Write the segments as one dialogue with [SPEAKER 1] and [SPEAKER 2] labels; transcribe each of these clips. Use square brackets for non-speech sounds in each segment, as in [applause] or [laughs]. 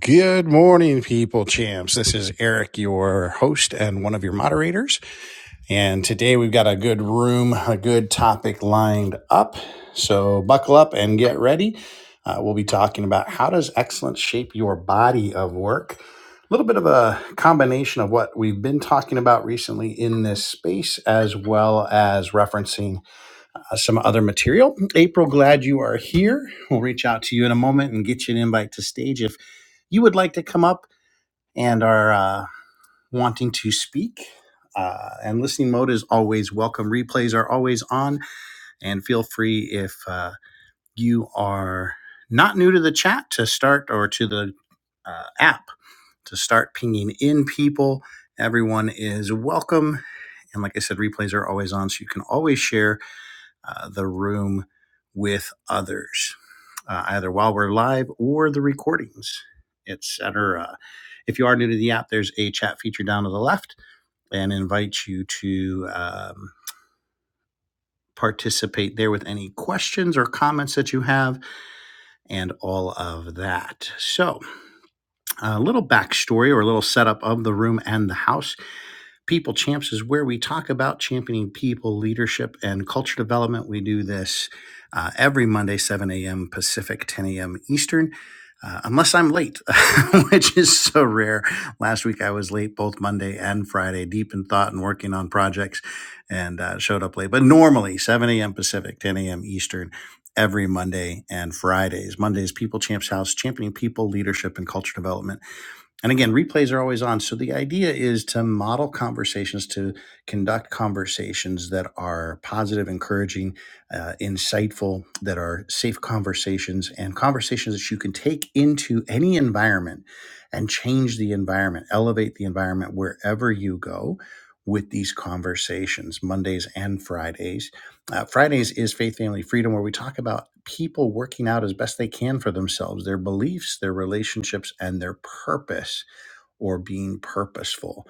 [SPEAKER 1] Good morning, people champs. This is Eric, your host and one of your moderators. And today we've got a good room, a good topic lined up. So buckle up and get ready. Uh, we'll be talking about how does excellence shape your body of work? A little bit of a combination of what we've been talking about recently in this space, as well as referencing uh, some other material. April, glad you are here. We'll reach out to you in a moment and get you an invite to stage if you would like to come up and are uh, wanting to speak. Uh, and listening mode is always welcome. Replays are always on, and feel free if uh, you are not new to the chat to start or to the uh, app to start pinging in people. Everyone is welcome. And like I said, replays are always on, so you can always share uh, the room with others, uh, either while we're live or the recordings, etc. If you are new to the app, there's a chat feature down to the left and invites you to um, participate there with any questions or comments that you have and all of that. So, a little backstory or a little setup of the room and the house. People Champs is where we talk about championing people, leadership, and culture development. We do this uh, every Monday, 7 a.m. Pacific, 10 a.m. Eastern. Uh, unless I'm late, [laughs] which is so rare. Last week I was late both Monday and Friday, deep in thought and working on projects, and uh, showed up late. But normally 7 a.m. Pacific, 10 a.m. Eastern, every Monday and Fridays. Mondays, People Champs House, championing people, leadership, and culture development and again, replays are always on. So the idea is to model conversations, to conduct conversations that are positive, encouraging, uh, insightful, that are safe conversations and conversations that you can take into any environment and change the environment, elevate the environment wherever you go with these conversations, Mondays and Fridays. Uh, Fridays is Faith Family Freedom, where we talk about people working out as best they can for themselves, their beliefs, their relationships, and their purpose or being purposeful,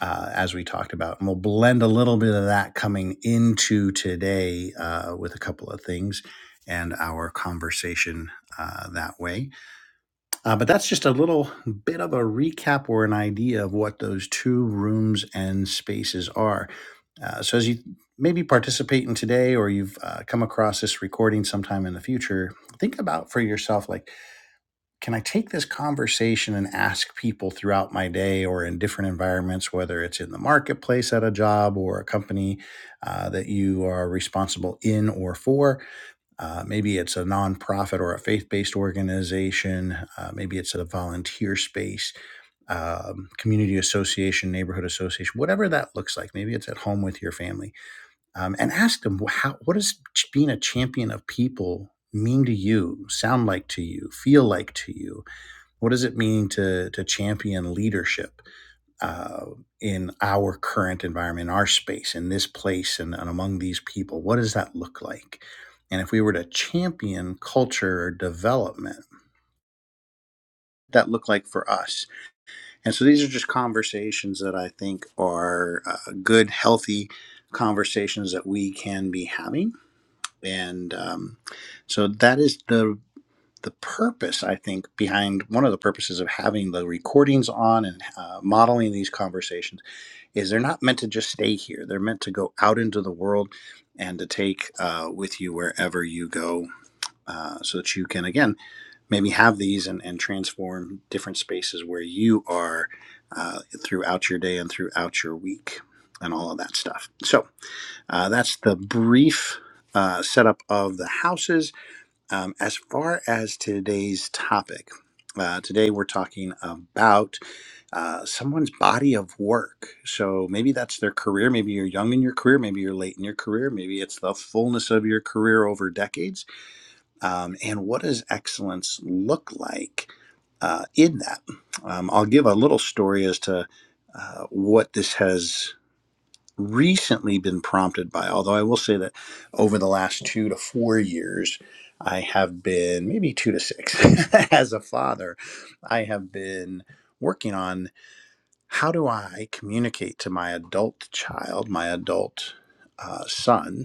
[SPEAKER 1] uh, as we talked about. And we'll blend a little bit of that coming into today uh, with a couple of things and our conversation uh, that way. Uh, but that's just a little bit of a recap or an idea of what those two rooms and spaces are. Uh, so as you maybe participate in today or you've uh, come across this recording sometime in the future think about for yourself like can I take this conversation and ask people throughout my day or in different environments, whether it's in the marketplace at a job or a company uh, that you are responsible in or for? Uh, maybe it's a nonprofit or a faith based organization. Uh, maybe it's a volunteer space, um, community association, neighborhood association, whatever that looks like. Maybe it's at home with your family um, and ask them how what does being a champion of people mean to you sound like to you feel like to you what does it mean to to champion leadership uh, in our current environment, in our space, in this place, and, and among these people? What does that look like? And if we were to champion culture or development, what that look like for us? And so these are just conversations that I think are uh, good, healthy conversations that we can be having. And um, so that is the the purpose, I think, behind one of the purposes of having the recordings on and uh, modeling these conversations is they're not meant to just stay here. They're meant to go out into the world and to take uh, with you wherever you go uh, so that you can, again, maybe have these and, and transform different spaces where you are uh, throughout your day and throughout your week and all of that stuff. So uh, that's the brief uh, setup of the houses um, as far as today's topic, uh, today we're talking about uh, someone's body of work. So maybe that's their career. Maybe you're young in your career. Maybe you're late in your career. Maybe it's the fullness of your career over decades. Um, and what does excellence look like uh, in that? Um, I'll give a little story as to uh, what this has recently been prompted by, although I will say that over the last two to four years, I have been maybe two to six [laughs] as a father, I have been working on how do I communicate to my adult child, my adult uh, son,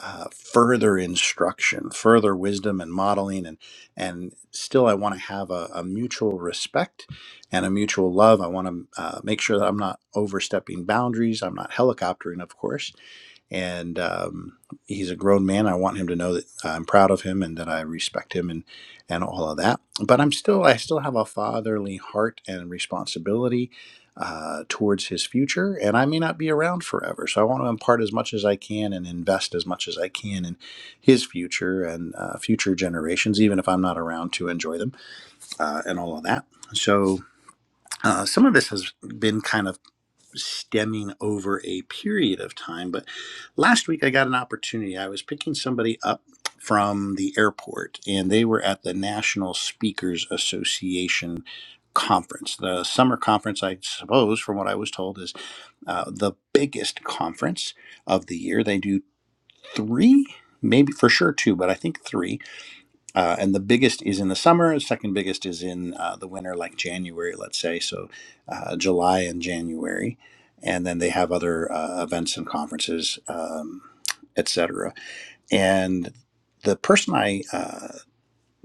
[SPEAKER 1] uh, further instruction, further wisdom and modeling, and and still I want to have a, a mutual respect and a mutual love. I want to uh, make sure that I'm not overstepping boundaries. I'm not helicoptering, of course. And um, he's a grown man. I want him to know that I'm proud of him and that I respect him and and all of that. But I'm still I still have a fatherly heart and responsibility uh, towards his future, and I may not be around forever. So I want to impart as much as I can and invest as much as I can in his future and uh, future generations, even if I'm not around to enjoy them uh, and all of that. So uh, some of this has been kind of stemming over a period of time. But last week I got an opportunity. I was picking somebody up from the airport, and they were at the National Speakers Association conference. The summer conference, I suppose, from what I was told, is uh, the biggest conference of the year. They do three, maybe for sure two, but I think three uh, and the biggest is in the summer. Second biggest is in uh, the winter, like January, let's say. So uh, July and January, and then they have other uh, events and conferences, um, etc. And the person I uh,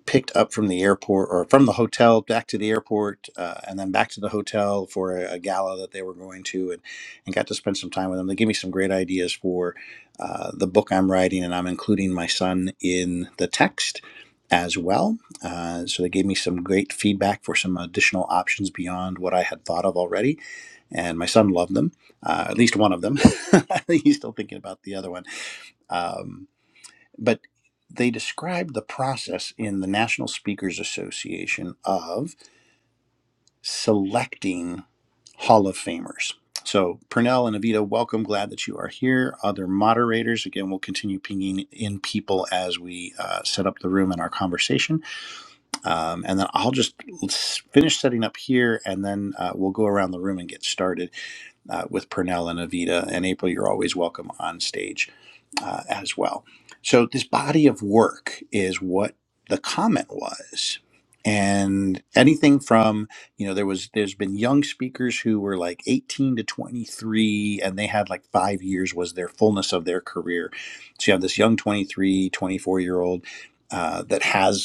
[SPEAKER 1] picked up from the airport or from the hotel back to the airport uh, and then back to the hotel for a, a gala that they were going to and, and got to spend some time with them. They gave me some great ideas for uh, the book I'm writing and I'm including my son in the text as well. Uh, so they gave me some great feedback for some additional options beyond what I had thought of already. And my son loved them, uh, at least one of them. [laughs] He's still thinking about the other one. Um, but they described the process in the National Speakers Association of selecting Hall of Famers. So, Purnell and Avita, welcome. Glad that you are here. Other moderators, again, we'll continue pinging in people as we uh, set up the room and our conversation. Um, and then I'll just finish setting up here and then uh, we'll go around the room and get started uh, with Purnell and Avita. And April, you're always welcome on stage uh, as well. So, this body of work is what the comment was. And anything from, you know, there was, there's been young speakers who were like 18 to 23, and they had like five years was their fullness of their career. So you have this young 23, 24 year old uh, that has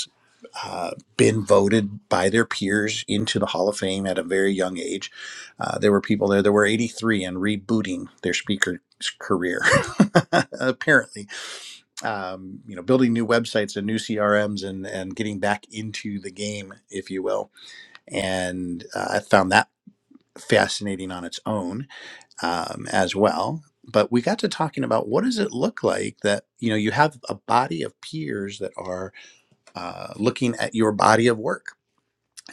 [SPEAKER 1] uh, been voted by their peers into the Hall of Fame at a very young age. Uh, there were people there that were 83 and rebooting their speaker's career, [laughs] apparently. Um, you know, building new websites and new CRMs and and getting back into the game, if you will. And uh, I found that fascinating on its own um, as well. But we got to talking about what does it look like that you know you have a body of peers that are uh, looking at your body of work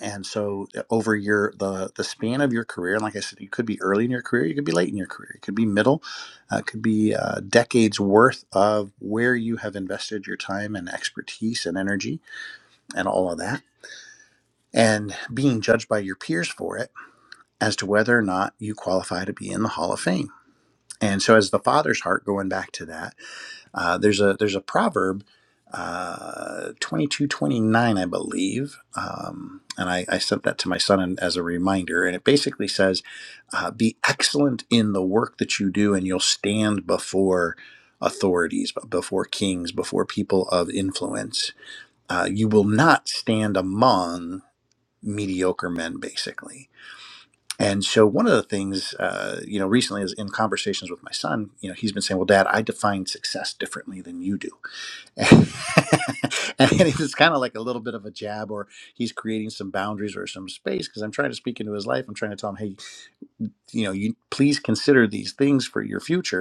[SPEAKER 1] and so uh, over your the the span of your career and like i said you could be early in your career you could be late in your career it could be middle uh, it could be uh, decades worth of where you have invested your time and expertise and energy and all of that and being judged by your peers for it as to whether or not you qualify to be in the hall of fame and so as the father's heart going back to that uh, there's a there's a proverb, uh, twenty two twenty nine, I believe, um, and I, I sent that to my son and- as a reminder. And it basically says, uh, "Be excellent in the work that you do, and you'll stand before authorities, before kings, before people of influence. Uh, you will not stand among mediocre men, basically." And so, one of the things, uh, you know, recently is in conversations with my son, you know, he's been saying, Well, dad, I define success differently than you do [laughs] and it's kind of like a little bit of a jab or he's creating some boundaries or some space because i'm trying to speak into his life i'm trying to tell him hey you know you please consider these things for your future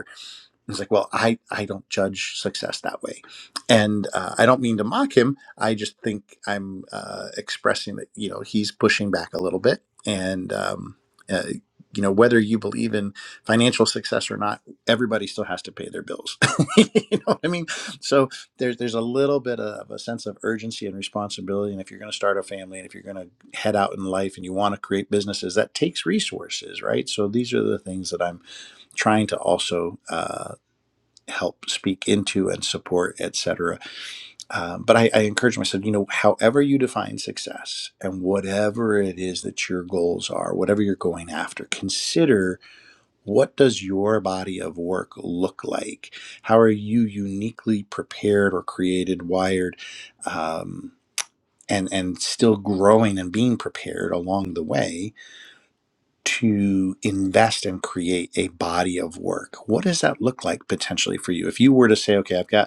[SPEAKER 1] He's like, well, I, I don't judge success that way. And uh, I don't mean to mock him. I just think I'm uh, expressing that, you know, he's pushing back a little bit. And, um, uh, you know, whether you believe in financial success or not, everybody still has to pay their bills. [laughs] you know what I mean? So there's, there's a little bit of a sense of urgency and responsibility. And if you're going to start a family and if you're going to head out in life and you want to create businesses, that takes resources, right? So these are the things that I'm trying to also. uh, help speak into and support, etc. Um, but I, I encourage myself, you know, however you define success and whatever it is that your goals are, whatever you're going after, consider what does your body of work look like? How are you uniquely prepared or created, wired, um, and and still growing and being prepared along the way to invest and create a body of work? What does that look like potentially for you? If you were to say, okay, I've got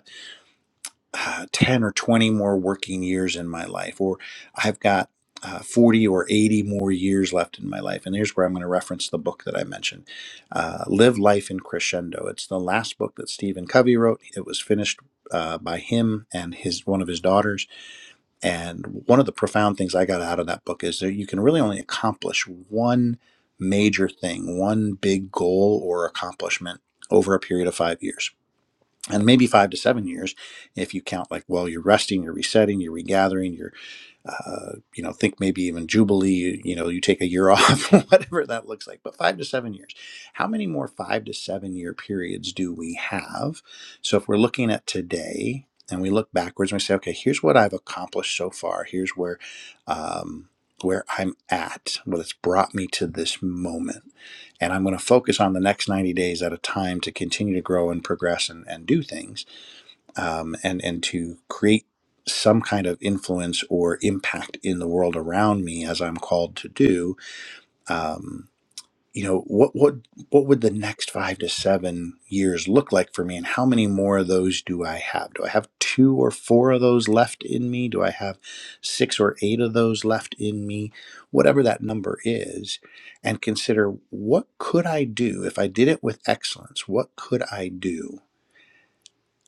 [SPEAKER 1] uh, 10 or 20 more working years in my life, or I've got uh, 40 or 80 more years left in my life. And here's where I'm going to reference the book that I mentioned uh, Live Life in Crescendo. It's the last book that Stephen Covey wrote. It was finished. Uh, by him and his one of his daughters, and one of the profound things I got out of that book is that you can really only accomplish one major thing, one big goal or accomplishment over a period of five years and maybe five to seven years if you count like well you're resting you're resetting you're regathering you're uh, you know, think maybe even Jubilee, you know, you take a year off, [laughs] whatever that looks like, but five to seven years. How many more five to seven year periods do we have? So if we're looking at today and we look backwards and we say, okay, here's what I've accomplished so far, here's where, um, where I'm at, what it's brought me to this moment and I'm going to focus on the next 90 days at a time to continue to grow and progress and, and do things um, and and to create some kind of influence or impact in the world around me as I'm called to do. Um, you know what what what would the next five to seven years look like for me, and how many more of those do I have? Do I have two or four of those left in me? Do I have six or eight of those left in me? Whatever that number is, and consider what could I do if I did it with excellence. What could I do?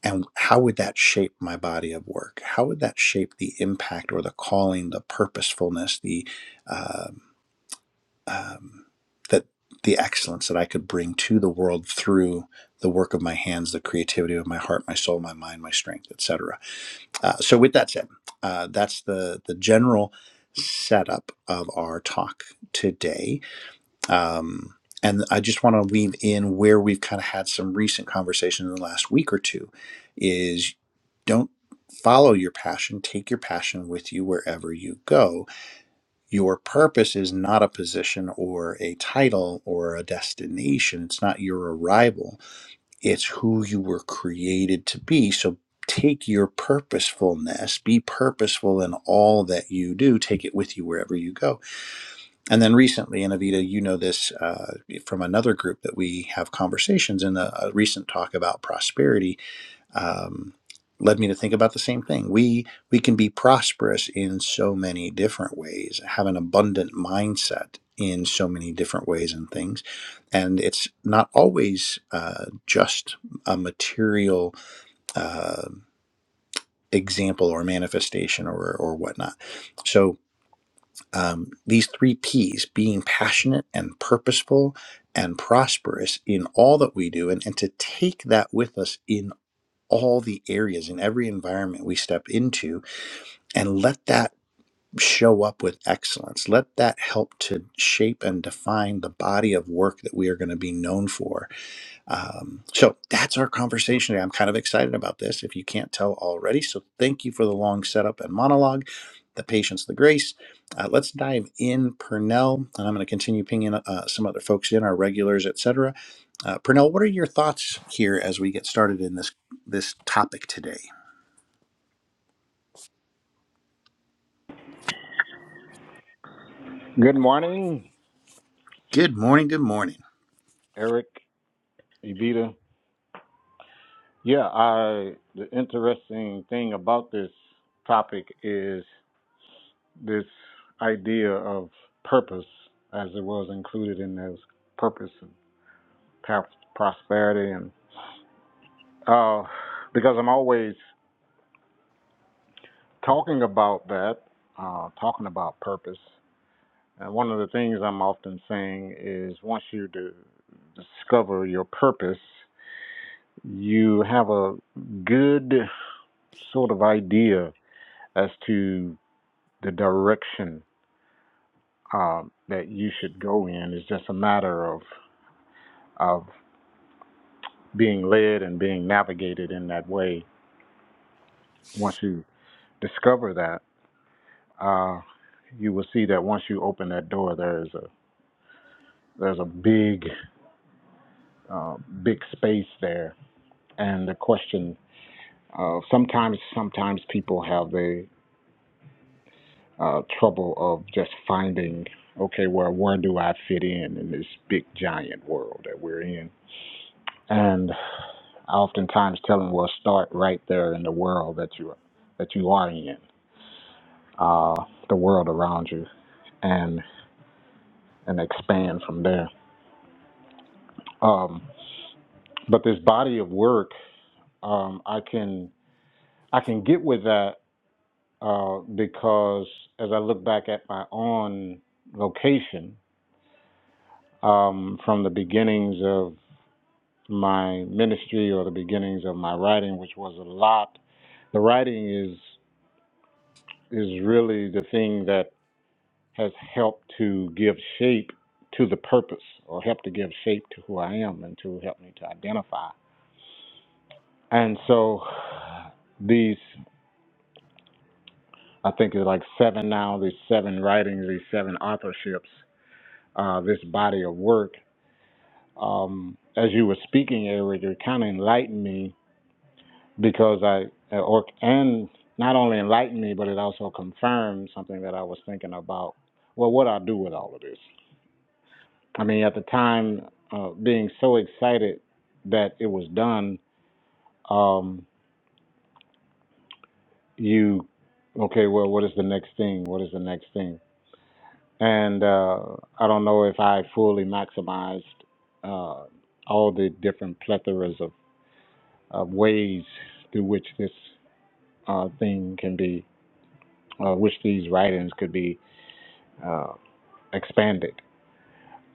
[SPEAKER 1] and how would that shape my body of work how would that shape the impact or the calling the purposefulness the um, um, that the excellence that i could bring to the world through the work of my hands the creativity of my heart my soul my mind my strength etc uh, so with that said uh, that's the the general setup of our talk today um, and I just want to weave in where we've kind of had some recent conversation in the last week or two is don't follow your passion, take your passion with you wherever you go. Your purpose is not a position or a title or a destination, it's not your arrival, it's who you were created to be. So Take your purposefulness, be purposeful in all that you do, take it with you wherever you go and then recently, and Avita, you know this uh, from another group that we have conversations in a, a recent talk about prosperity, um, led me to think about the same thing. We we can be prosperous in so many different ways, have an abundant mindset in so many different ways and things, and it's not always uh, just a material uh, example or manifestation or or whatnot. So um, these three P's being passionate and purposeful and prosperous in all that we do, and, and to take that with us in all the areas, in every environment we step into, and let that show up with excellence. Let that help to shape and define the body of work that we are going to be known for um, so that's our conversation. today. I'm kind of excited about this if you can't tell already. So thank you for the long setup and monologue, the patience, the grace. Uh, let's dive in, Purnell, and I'm going to continue pinging uh, some other folks in, our regulars, etc. Uh, Purnell, what are your thoughts here as we get started in this this topic today?
[SPEAKER 2] Good morning,
[SPEAKER 1] Good morning. Good morning.
[SPEAKER 2] Eric, Evita. Yeah, I the interesting thing about this topic is this idea of purpose as it was included in those purpose and pa- prosperity and uh because I'm always talking about that, uh talking about purpose. And one of the things I'm often saying is once you do discover your purpose, you have a good sort of idea as to the direction um, that you should go in. It's just a matter of of being led and being navigated in that way. Once you discover that, uh, you will see that once you open that door, there is a there's a big uh, big space there. And the question uh, sometimes sometimes people have the uh, trouble of just finding okay, well, where do I fit in in this big giant world that we're in? And I oftentimes tell them, well, start right there in the world that you that you are in, uh, the world around you, and and expand from there. Um, but this body of work, um, I can I can get with that uh, because as I look back at my own vocation um, from the beginnings of my ministry or the beginnings of my writing, which was a lot. The writing is is really the thing that. has helped to give shape to the purpose or helped to give shape to who I am and to help me to identify. And so these, I think there's like seven now, these seven writings, these seven authorships, uh, this body of work. Um, as you were speaking, Eric, it kind of enlightened me because I, or, and not only enlightened me, but it also confirmed something that I was thinking about. Well, what I do with all of this. I mean, at the time, uh, being so excited that it was done, um, you, okay, well, what is the next thing? What is the next thing? And uh, I don't know if I fully maximized uh, all the different plethoras of, of ways through which this uh, thing can be, uh, which these writings could be uh, expanded.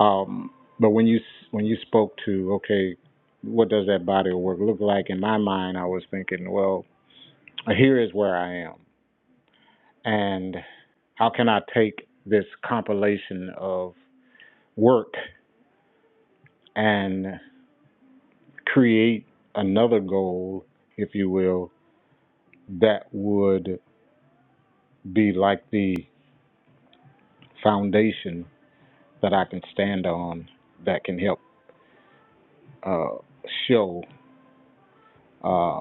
[SPEAKER 2] Um, but when you when you spoke to okay, what does that body of work look like? In my mind, I was thinking, well, here is where I am, and how can I take this compilation of work and create another goal, if you will, that would be like the foundation that I can stand on that can help uh, show. uh,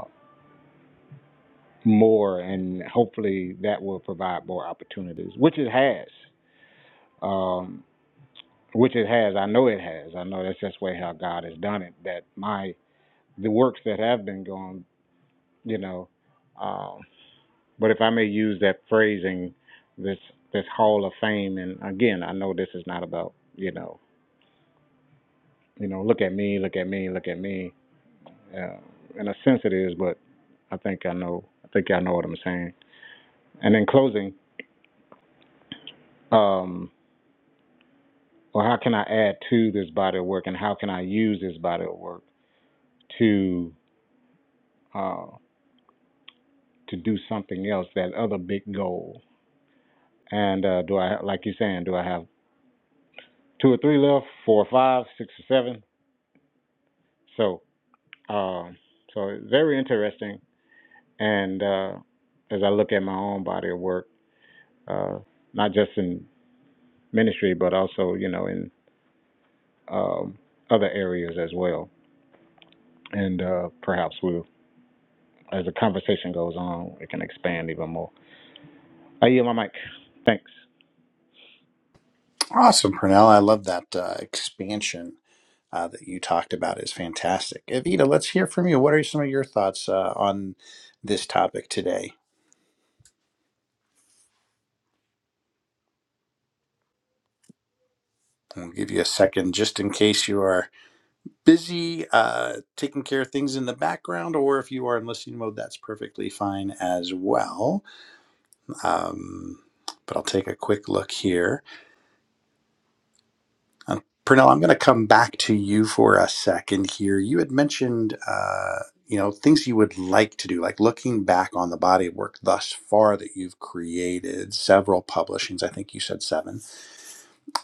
[SPEAKER 2] more, and hopefully that will provide more opportunities, which it has. Um, which it has. I know it has. I know that's just the way how God has done it. That my the works that have been going, you know. Um, but if I may use that phrasing, this this Hall of Fame, and again, I know this is not about you know, you know, look at me, look at me, look at me. Uh, in a sense, it is, but I think I know. I think I know what I'm saying. And in closing. um, or how can I add to this body of work, and how can I use this body of work to uh, to do something else, that other big goal? And uh, do I, like you're saying, do I have two or three left, four or five, six or seven? So, um, so very interesting. And uh, as I look at my own body of work, uh, not just in ministry, but also, you know, in um, other areas as well. And uh, perhaps we'll, as the conversation goes on, it can expand even more. I yield my mic. Thanks.
[SPEAKER 1] Awesome, Purnell. I love that uh, expansion uh, that you talked about. is fantastic. Evita, let's hear from you. What are some of your thoughts uh, on this topic today? We'll give you a second just in case you are busy uh, taking care of things in the background, or if you are in listening mode, that's perfectly fine as well. Um, but I'll take a quick look here. Uh, Pernell, I'm going to come back to you for a second here. You had mentioned, uh, you know, things you would like to do, like looking back on the body of work thus far that you've created, several publishings. I think you said seven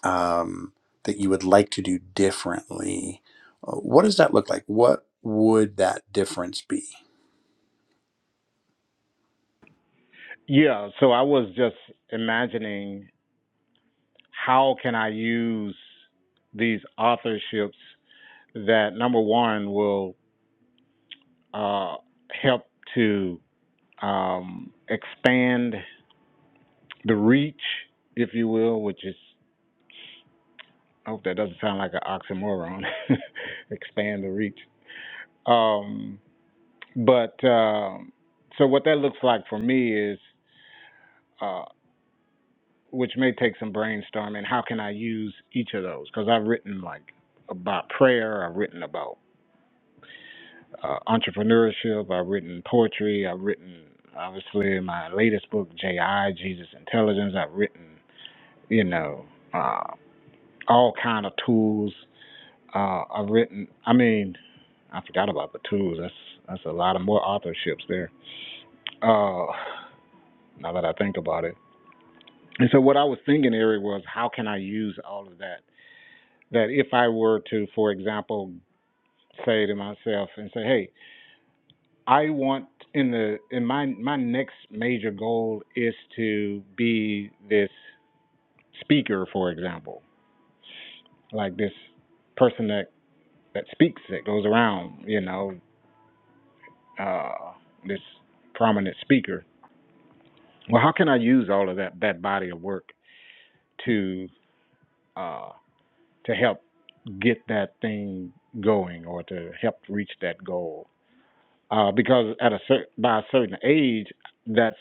[SPEAKER 1] um, that you would like to do differently. Uh, What does that look like? What would that difference be?
[SPEAKER 2] Yeah, so I was just imagining how can I use these authorships that number one will uh, help to um, expand the reach, if you will, which is I hope that doesn't sound like an oxymoron. [laughs] expand the reach. Um, but um so what that looks like for me is uh, which may take some brainstorming. How can I use each of those? Because I've written like about prayer, I've written about uh, entrepreneurship, I've written poetry, I've written obviously my latest book, J.I. Jesus Intelligence. I've written, you know, uh, all kind of tools. Uh, I've written. I mean, I forgot about the tools. That's that's a lot of more authorships there. Uh, now that I think about it. And so what I was thinking, Eric, was how can I use all of that that if I were to, for example, say to myself and say, "Hey, I want in the in my my next major goal is to be this speaker, for example, like this person that that speaks that goes around, you know, uh, this prominent speaker." Well, how can I use all of that that body of work to uh, to help get that thing going or to help reach that goal? uh, because at a cer- by a certain age, that's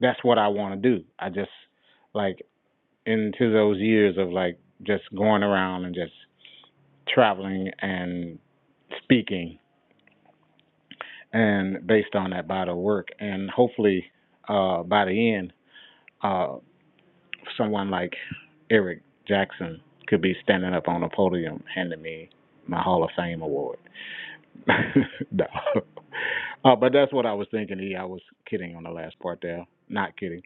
[SPEAKER 2] that's what I want to do. I just like into those years of like just going around and just traveling and speaking, and based on that body of work, and hopefully uh, by the end, uh, someone like Eric Jackson could be standing up on a podium handing me my Hall of Fame award. [laughs] no. Uh, but that's what I was thinking. E, I was kidding on the last part there. Not kidding.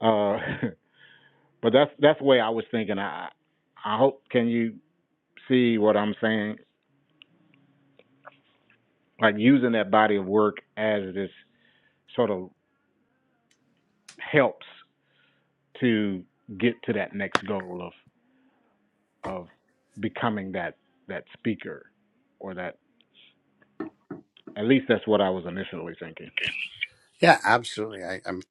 [SPEAKER 2] Uh, [laughs] but that's that's the way I was thinking. I I hope can you see what I'm saying? Like using that body of work as this sort of helps to get to that next goal of of becoming that that speaker or that at least that's what I was initially thinking.
[SPEAKER 1] Yeah, absolutely. I, I'm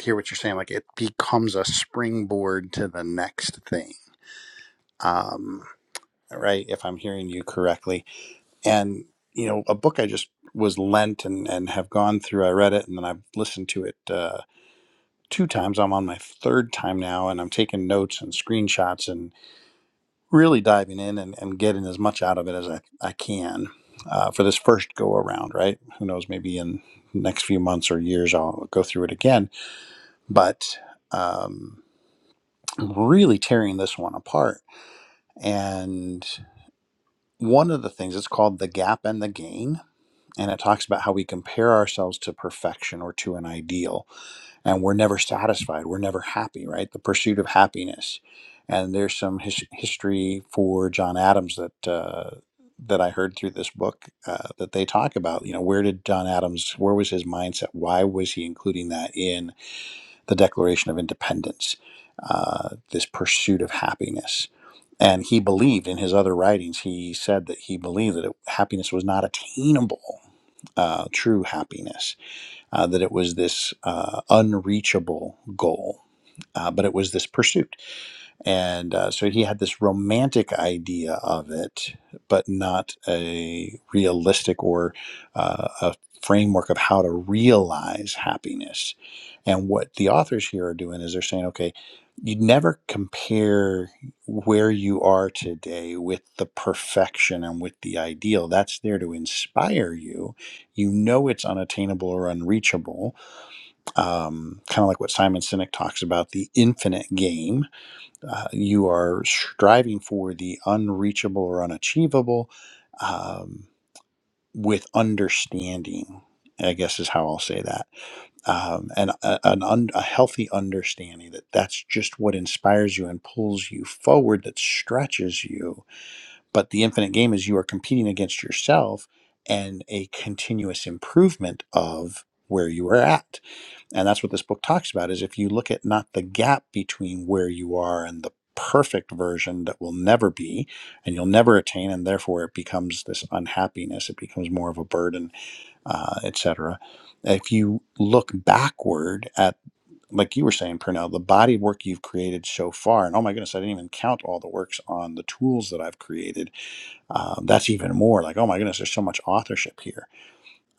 [SPEAKER 1] hear what you're saying. Like it becomes a springboard to the next thing. Um, right. If I'm hearing you correctly, and you know, a book I just was lent and and have gone through. I read it and then I've listened to it uh, two times. I'm on my third time now, and I'm taking notes and screenshots and. really diving in and, and getting as much out of it as I, I can uh, for this first go around, right? Who knows, maybe in the next few months or years, I'll go through it again. But um, I'm really tearing this one apart. And one of the things, it's called The Gap and the Gain. And it talks about how we compare ourselves to perfection or to an ideal and we're never satisfied we're never happy right the pursuit of happiness and there's some his- history for john adams that uh, that i heard through this book uh, that they talk about you know where did john adams where was his mindset why was he including that in the declaration of independence uh, this pursuit of happiness and he believed in his other writings he said that he believed that it, happiness was not attainable uh, true happiness uh, that it was this uh, unreachable goal, uh, but it was this pursuit. And uh, so he had this romantic idea of it, but not a realistic or uh, a framework of how to realize happiness. And what the authors here are doing is they're saying, okay, you never compare where you are today with the perfection and with the ideal. That's there to inspire you. You know it's unattainable or unreachable, um, kind of like what Simon Sinek talks about the infinite game uh, you are striving for the unreachable or unachievable um, with understanding. I guess is how I'll say that, um, and a, an un, a healthy understanding that that's just what inspires you and pulls you forward, that stretches you. But the infinite game is you are competing against yourself and a continuous improvement of where you are at and that's what this book talks about is if you look at not the gap between where you are and the perfect version that will never be and you'll never attain and therefore it becomes this unhappiness it becomes more of a burden uh, etc if you look backward at like you were saying purnell the body of work you've created so far and oh my goodness i didn't even count all the works on the tools that i've created um, that's even more like oh my goodness there's so much authorship here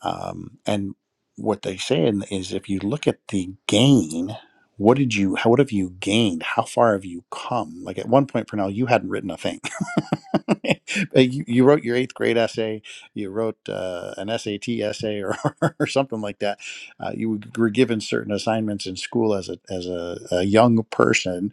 [SPEAKER 1] um, and what they say in- is if you look at the gain, what did you, how, what have you gained? How far have you come? Like at one point, Pernell, you hadn't written a thing. [laughs] But you, you wrote your eighth grade essay, you wrote uh, an SAT essay or, [laughs] or something like that. Uh, you were given certain assignments in school as a, as a, a young person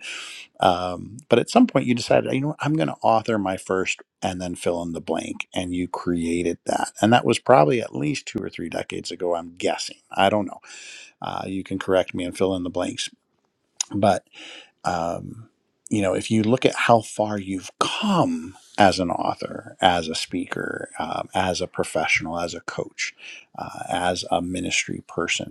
[SPEAKER 1] um, but at some point, you decided, you know, what, I'm going to author my first and then fill in the blank, and you created that. And that was probably at least two or three decades ago. I'm guessing. I don't know. Uh, you can correct me and fill in the blanks. But um, you know, if you look at how far you've come as an author, as a speaker, um, as a professional, as a coach, uh, as a ministry person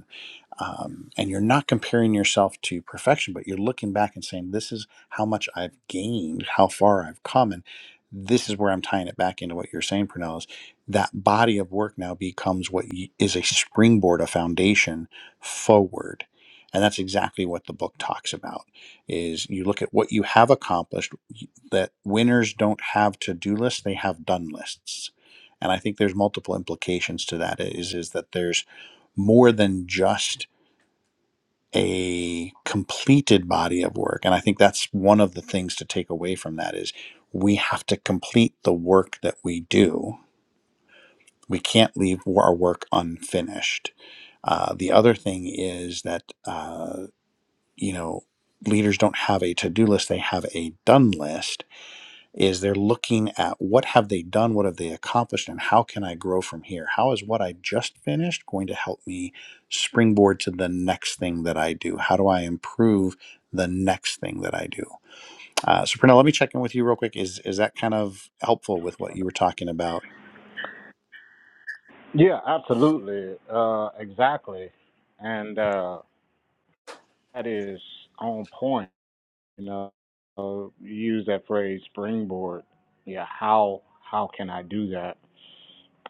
[SPEAKER 1] um, and you're not comparing yourself to perfection, but you're looking back and saying, "This is how much I've gained, how far I've come." And this is where I'm tying it back into what you're saying, Pernell. Is that body of work now becomes what y- is a springboard, a foundation forward, and that's exactly what the book talks about. Is you look at what you have accomplished. y- That winners don't have to-do lists; they have done lists. And I think there's multiple implications to that. Is is that there's more than just a completed body of work and i think that's one of the things to take away from that is we have to complete the work that we do we can't leave our work unfinished uh, the other thing is that uh, you know leaders don't have a to-do list they have a done list is they're looking at what have they done what have they accomplished and how can i grow from here how is what i just finished going to help me springboard to the next thing that i do how do i improve the next thing that i do uh, so Prina, let me check in with you real quick is is that kind of helpful with what you were talking about
[SPEAKER 2] Yeah, absolutely. Uh, exactly. And uh, That is on point. You know, uh, you use that phrase springboard. Yeah, how how can I do that?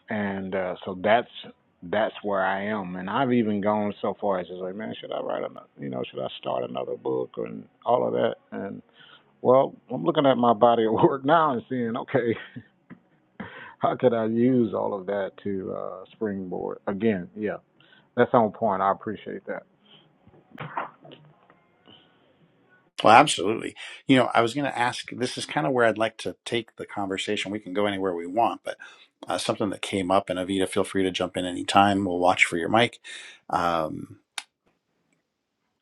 [SPEAKER 2] And uh, so that's that's where I am. And I've even gone so far as to say, man, should I write another? You know, should I start another book and all of that? And well, I'm looking at my body of [laughs] work now and seeing, okay, [laughs] how could I use all of that to uh, springboard? Again, yeah, that's on point. I appreciate that.
[SPEAKER 1] well absolutely you know i was going to ask this is kind of where i'd like to take the conversation we can go anywhere we want but uh, something that came up and avita feel free to jump in anytime we'll watch for your mic um,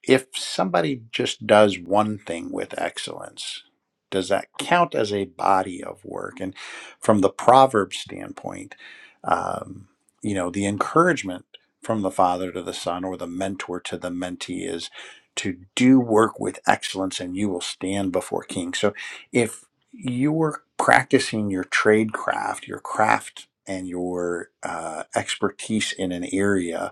[SPEAKER 1] if somebody just does one thing with excellence, does that count as a body of work? And from the proverb standpoint, um, you know, the encouragement from the father to the son or the mentor to the mentee is to do work with excellence and you will stand before king. So if you were practicing your trade craft, your craft and your uh, expertise in an area,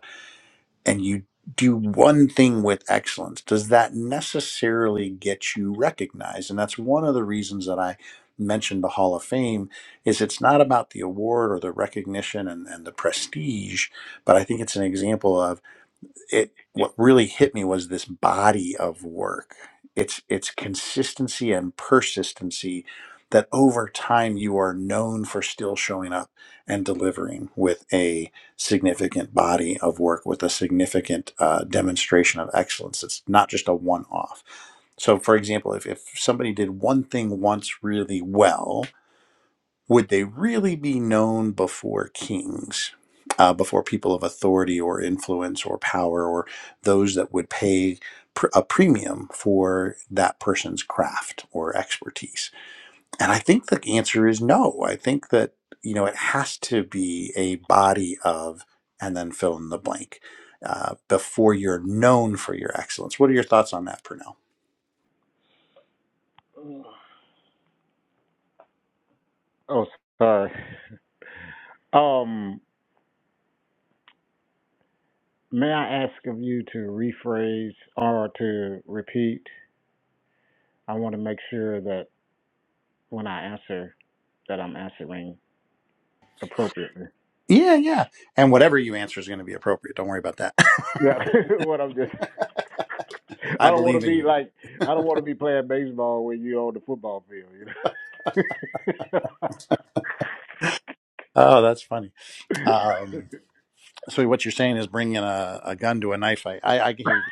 [SPEAKER 1] and you do one thing with excellence, does that necessarily get you recognized? And that's one of the reasons that I mentioned the Hall of Fame is it's not about the award or the recognition and, and the prestige, but I think it's an example of it what really hit me was this body of work it's it's consistency and persistency that over time you are known for still showing up and delivering with a significant body of work with a significant uh, demonstration of excellence it's not just a one-off so for example if, if somebody did one thing once really well would they really be known before kings, uh, before people of authority or influence or power, or those that would pay pr- a premium for that person's craft or expertise? And I think the answer is no. I think that, you know, it has to be a body of, and then fill in the blank. Uh, before you're known for your excellence. What are your thoughts on that, Purnell?
[SPEAKER 2] Oh, sorry. Um, May I ask of you to rephrase or to repeat? I want to make sure that when I answer, that I'm answering appropriately.
[SPEAKER 1] Yeah, yeah. And whatever you answer is going to be appropriate. Don't worry about that.
[SPEAKER 2] Yeah, [laughs] what I'm just,
[SPEAKER 1] [laughs]
[SPEAKER 2] I
[SPEAKER 1] I
[SPEAKER 2] don't want
[SPEAKER 1] believe
[SPEAKER 2] to
[SPEAKER 1] in you.
[SPEAKER 2] be like, I don't want to be playing baseball when you're on the football field, you
[SPEAKER 1] Oh, that's funny. Um, so what you're saying is bringing a, a gun to a knife fight. I, I can hear you.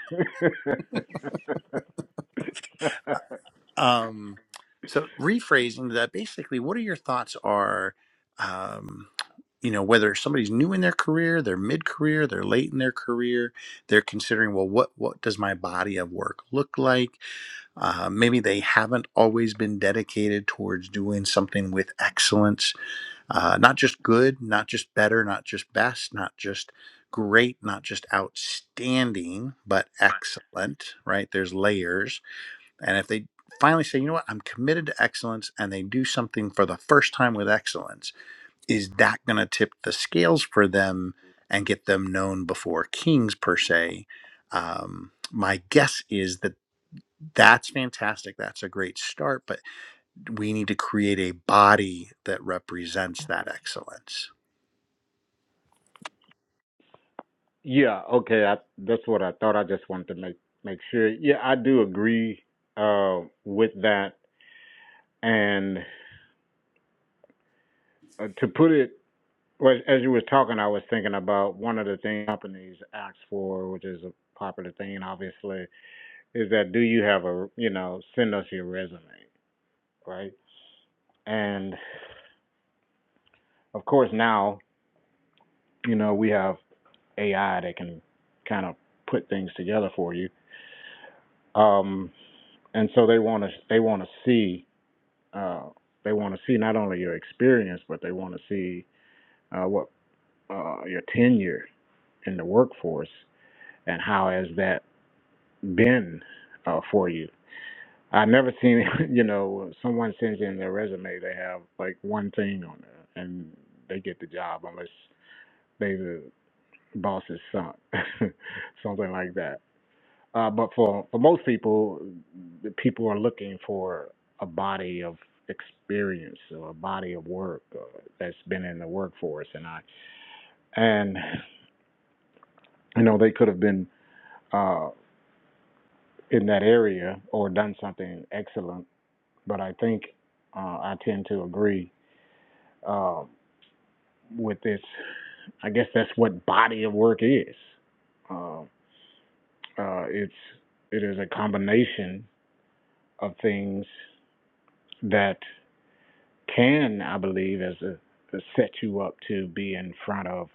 [SPEAKER 2] know?
[SPEAKER 1] Um, so rephrasing that, basically, what are your thoughts are, um, you know, whether somebody's new in their career, they're mid-career, they're late in their career, they're considering, well, what what does my body of work look like? Uh, maybe they haven't always been dedicated towards doing something with excellence uh, not just good, not just better, not just best, not just great, not just outstanding, but excellent, right? There's layers. And if they finally say, you know what, I'm committed to excellence, and they do something for the first time with excellence, is that going to tip the scales for them and get them known before kings, per se? Um, my guess is that. That's fantastic. That's a great start, but we need to create a body that represents that excellence
[SPEAKER 2] [laughs] yeah, okay, I, that's what I thought. I just wanted to make, make sure. Yeah, I do agree uh, with that. And uh, to put it Well, as you were talking, I was thinking about one of the things companies ask for, which is a popular thing, obviously, is that do you have a, you know, send us your resume, right? And of course, now, you know, we have AI that can kind of put things together for you. Um, and so they want to, they want to see, uh, they want to see not only your experience, but they want to see uh, what uh, your tenure in the workforce and how has that been uh, for you. I never seen, [laughs] you know, someone sends in their resume, they have like one thing on there and they get the job unless they the boss's son, [laughs] something like that. Uh, but for, for most people, the people are looking for a body of experience or a body of work uh, that's been in the workforce. And I, and, you know, they could have been uh, in that area or done something excellent but I think uh, I tend to agree uh, with this. I guess that's what body of work is. Uh, uh, it's it is a combination of things that can, I believe, as a a set you up to be in front of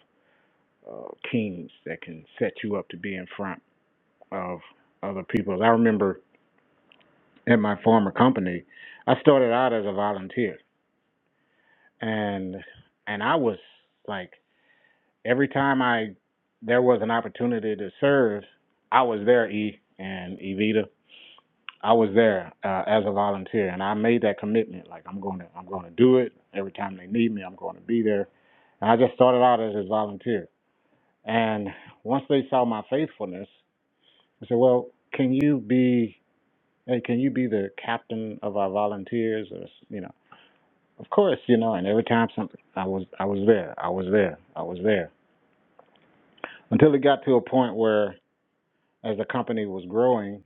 [SPEAKER 2] uh, kings that can set you up to be in front of other people. I remember at my former company, I started out as a volunteer, and and I was like Every time I there was an opportunity to serve, I was there, E and Evita. I was there uh, as a volunteer, and I made that commitment. Like I'm going to, I'm going to do it. Every time they need me, I'm going to be there. And I just started out as a volunteer. And once they saw my faithfulness, I said, "Well, can you be, hey, can you be the captain of our volunteers?" Or you know, of course, you know. And every time something, I was, I was there, I was there, I was there. Until it got to a point where as the company was growing,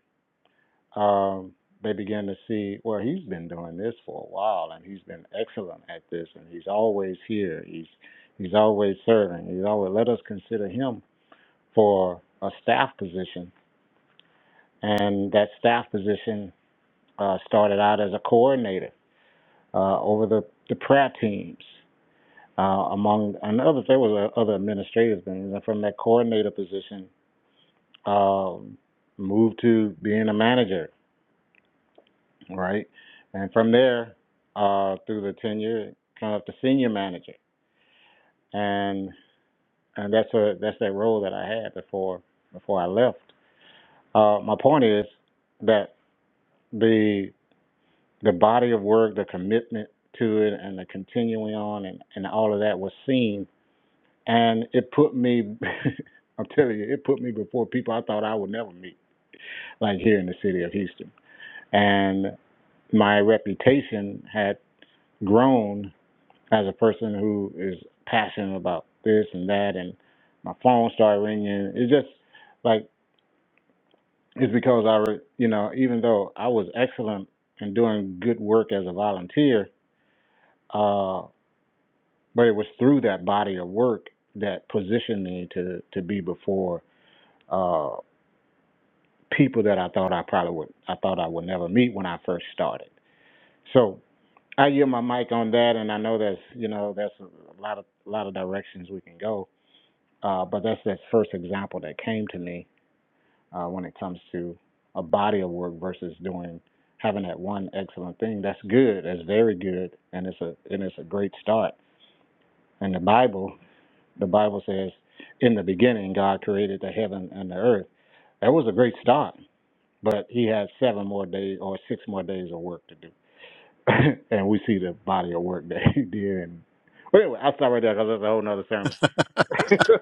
[SPEAKER 2] um, they began to see, well, he's been doing this for a while, and he's been excellent at this, and he's always here. He's he's always serving. He's always let us consider him for a staff position, and that staff position uh, started out as a coordinator uh, over the the prayer teams. Uh, among and other there was uh, other administrative things, and from that coordinator position, um, moved to being a manager right? And from there, uh, through the tenure, come up to senior manager, and and that's a that's that role that I had before before I left. Uh, my point is that the the body of work, the commitment to it, and the continuing on, and, and all of that was seen, and it put me. [laughs] I'm telling you, it put me before people I thought I would never meet, like here in the city of Houston, and my reputation had grown as a person who is passionate about this and that, and my phone started ringing. It's just like it's because I, re- you know, even though I was excellent in doing good work as a volunteer, uh, but it was through that body of work that positioned me to to be before uh, people that I thought I probably would, I thought I would never meet when I first started. So I yield my mic on that, and I know that's you know that's a lot of lot of directions we can go Uh, but that's the first example that came to me uh, when it comes to a body of work versus doing having that one excellent thing. That's good. That's very good, and it's a and it's a great start. And the Bible, the Bible says, in the beginning, God created the heaven and the earth. That was a great start, but He had seven more days or six more days of work to do, [laughs] and we see the body of work that He [laughs] did. And, but anyway, I'll stop right there because that's a whole nother sermon. [laughs]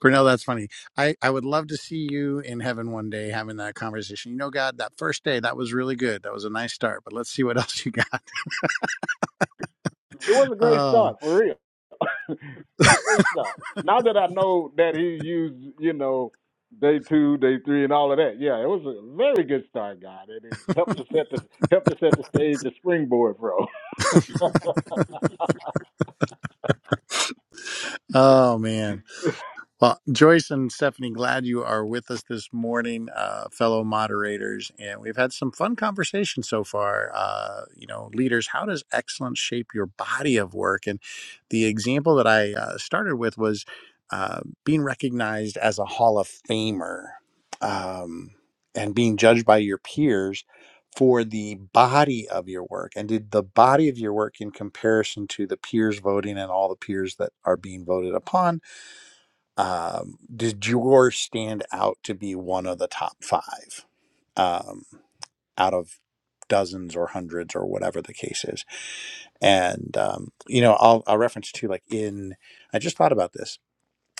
[SPEAKER 1] Cornell, that's funny. I, I would love to see you in heaven one day having that conversation. You know, God, that first day, that was really good. That was a nice start, but let's see what [laughs] else you got.
[SPEAKER 2] It was a great
[SPEAKER 1] Oh,
[SPEAKER 2] start, for real. [laughs] it was a great start. Now that I know that he used, you know, day two, day three, and all of that, yeah, it was a very good start, God. It, it helped to set the helped to set the stage, the springboard, bro. [laughs]
[SPEAKER 1] oh man. Well, Joyce and Stephanie, glad you are with us this morning, uh, fellow moderators. And we've had some fun conversations so far. Uh, you know, leaders, how does excellence shape your body of work? And the example that I uh, started with was uh, being recognized as a Hall of Famer um, and being judged by your peers for the body of your work. And did the body of your work in comparison to the peers voting and all the peers that are being voted upon? um, did yours stand out to be one of the top five um, out of dozens or hundreds or whatever the case is? And um, you know, I'll, I'll reference to like in I just thought about this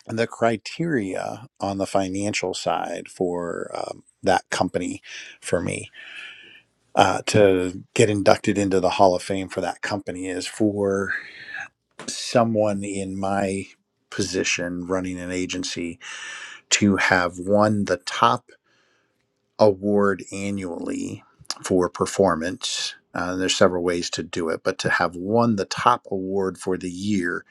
[SPEAKER 1] and the criteria on the financial side for um, that company for me uh, to get inducted into the Hall of Fame for that company is for someone in my position running an agency to have won the top. award annually for performance. Uh, there's several ways to do it, but to have won the top award for the year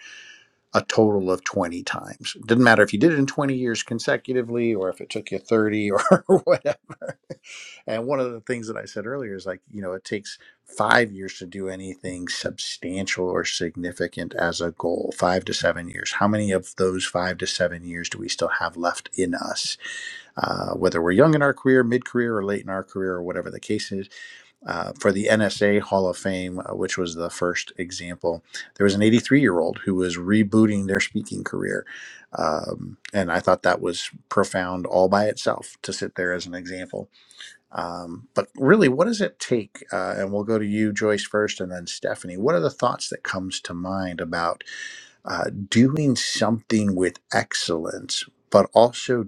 [SPEAKER 1] a total of 20 times. It didn't matter if you did it in 20 years consecutively or if it took you 30 or [laughs] whatever. And one of the things that I said earlier is like, you know, it takes five years to do anything substantial or significant as a goal, five to seven years. How many of those five to seven years do we still have left in us? uh, whether we're young in our career, mid career, or late in our career, or whatever the case is. Uh, for the NSA Hall of Fame, uh, which was the first example, there was an 83 year old who was rebooting their speaking career. Um, and I thought that was profound all by itself to sit there as an example. Um, but really, what does it take? Uh, and we'll go to you, Joyce, first, and then Stephanie. What are the thoughts that comes to mind about? uh, doing something with excellence, but also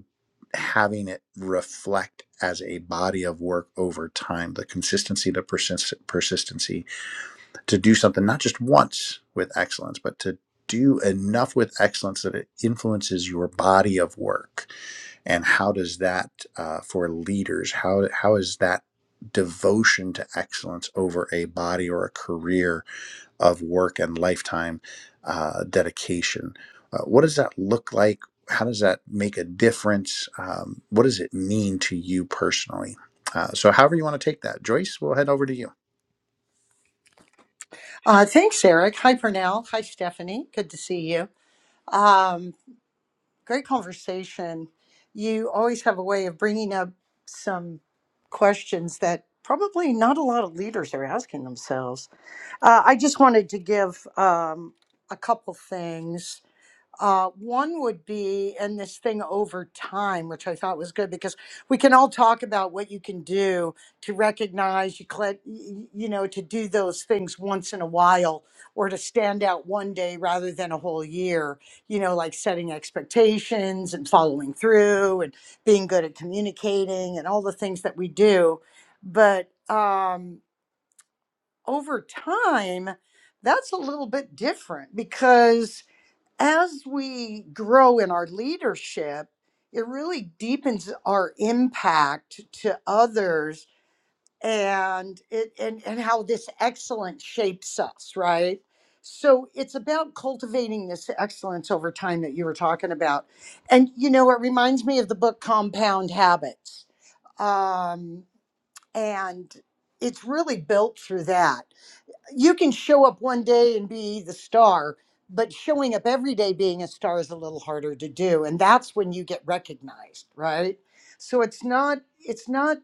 [SPEAKER 1] having it reflect as a body of work over time, the consistency, the persist- persistency to do something not just once with excellence, but to do enough with excellence that it influences your body of work. And how does that uh, for leaders? How how is that devotion to excellence over a body or a career? of work and lifetime uh, dedication. Uh, what does that look like? How does that make a difference? Um, what does it mean to you personally? Uh, so, however you want to take that, Joyce, we'll head over to you.
[SPEAKER 3] Uh, thanks, Eric. Hi, Pernell. Hi, Stephanie. Good to see you. Um, great conversation. You always have a way of bringing up some questions that probably not a lot of leaders are asking themselves. Uh, I just wanted to give um, a couple things uh, one would be, and this thing over time, which I thought was good because we can all talk about what you can do to recognize you, cl- you know, to do those things once in a while or to stand out one day rather than a whole year, you know, like setting expectations and following through and being good at communicating and all the things that we do. But um, over time, that's a little bit different because as we grow in our leadership, it really deepens our impact to others and it and, and how this excellence shapes us, right? So it's about cultivating this excellence over time that you were talking about. And you know, it reminds me of the book Compound Habits. Um, and it's really built through that you can show up one day and be the star, but showing up every day being a star is a little harder to do, and that's when you get recognized, right? So it's not it's not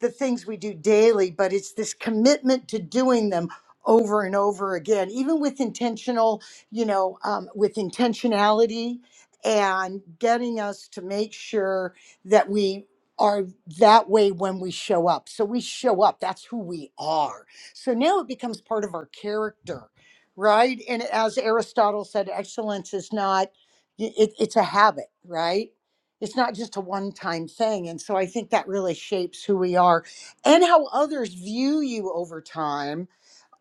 [SPEAKER 3] the things we do daily, but it's this commitment to doing them over and over again, even with intentional, you know, um, with intentionality and getting us to make sure that we are that way when we show up. So we show up. That's who we are so now it becomes part of our character, right? And as Aristotle said, excellence is not, it, it's a habit, right? It's not just a one time thing. And so I think that really shapes who we are and how others view you over time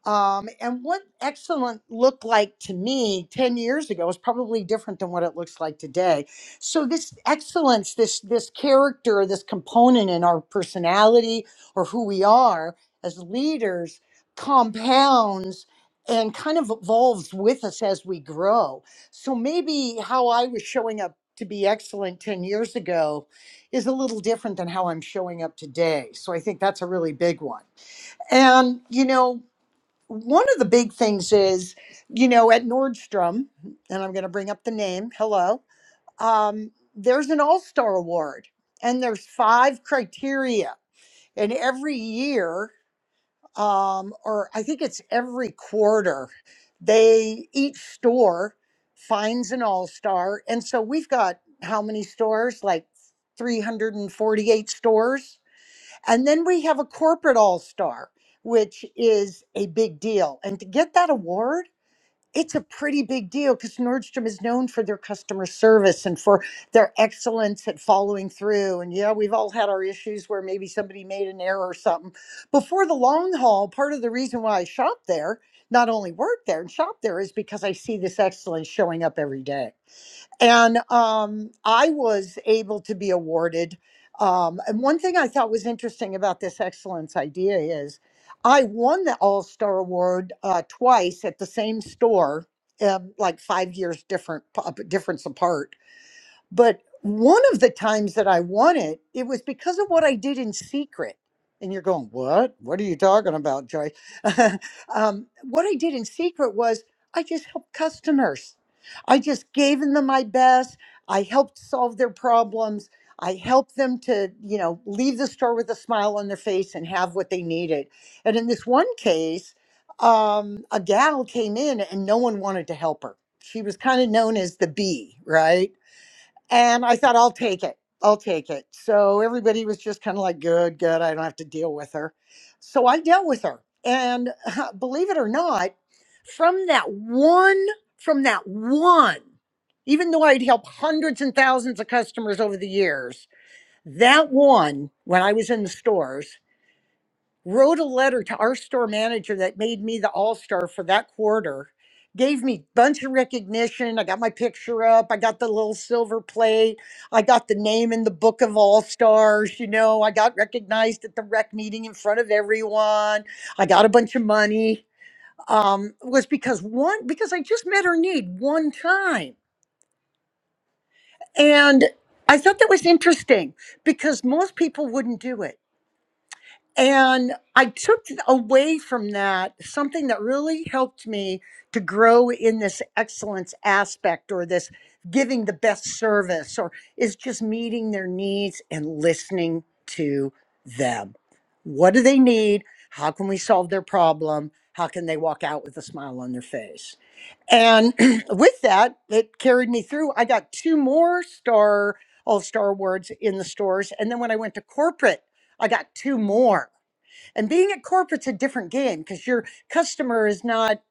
[SPEAKER 3] um, and what excellent looked like to me 10 years ago is probably different than what it looks like today. So this excellence, this this character, this component in our personality or who we are as leaders compounds and kind of evolves with us as we grow. So maybe how I was showing up to be excellent 10 years ago is a little different than how I'm showing up today. So I think that's a really big one. And you know, one of the big things is, you know, at Nordstrom, and I'm going to bring up the name, hello, um, there's an All Star Award, and there's five criteria. And every year, um, or I think it's every quarter, they each store finds an All Star. And so we've got how many stores? Like 348 stores and then we have a corporate all star, which is a big deal. And to get that award, it's a pretty big deal because Nordstrom is known for their customer service and for their excellence at following through. And yeah, we've all had our issues where maybe somebody made an error or something. But for the long haul, part of the reason why I shop there, not only work there and shop there, is because I see this excellence showing up every day and um, I was able to be awarded. Um, and one thing I thought was interesting about this excellence idea is I won the All Star Award uh, twice at the same store, um, like five years different p- difference apart but one of the times that I won it, it was because of what I did in secret. And you're going, what? What are you talking about, Joyce? [laughs] um, what I did in secret was I just helped customers. I just gave them my best. I helped solve their problems. I helped them to, you know, leave the store with a smile on their face and have what they needed. And in this one case, um, a gal came in and no one wanted to help her. She was kind of known as the bee, right? And I thought, I'll take it. I'll take it. So everybody was just kind of like, good, good. I don't have to deal with her. So I dealt with her. And [laughs] believe it or not, from that one, from that one, even though I'd helped hundreds and thousands of customers over the years, that one, when I was in the stores, wrote a letter to our store manager that made me the all star for that quarter. Gave me bunch of recognition. I got my picture up. I got the little silver plate. I got the name in the book of all stars. You know, I got recognized at the rec meeting in front of everyone. I got a bunch of money. Um, was because one because I just met her need one time, and I thought that was interesting because most people wouldn't do it And I took away from that something that really helped me to grow in this excellence aspect or this giving the best service or is just meeting their needs and listening to them. What do they need? How can we solve their problem? How can they walk out with a smile on their face? And [clears throat] with that, it carried me through. I got two more star, all star awards in the stores. And then when I went to corporate, I got two more. And being at corporate's a different game because your customer is not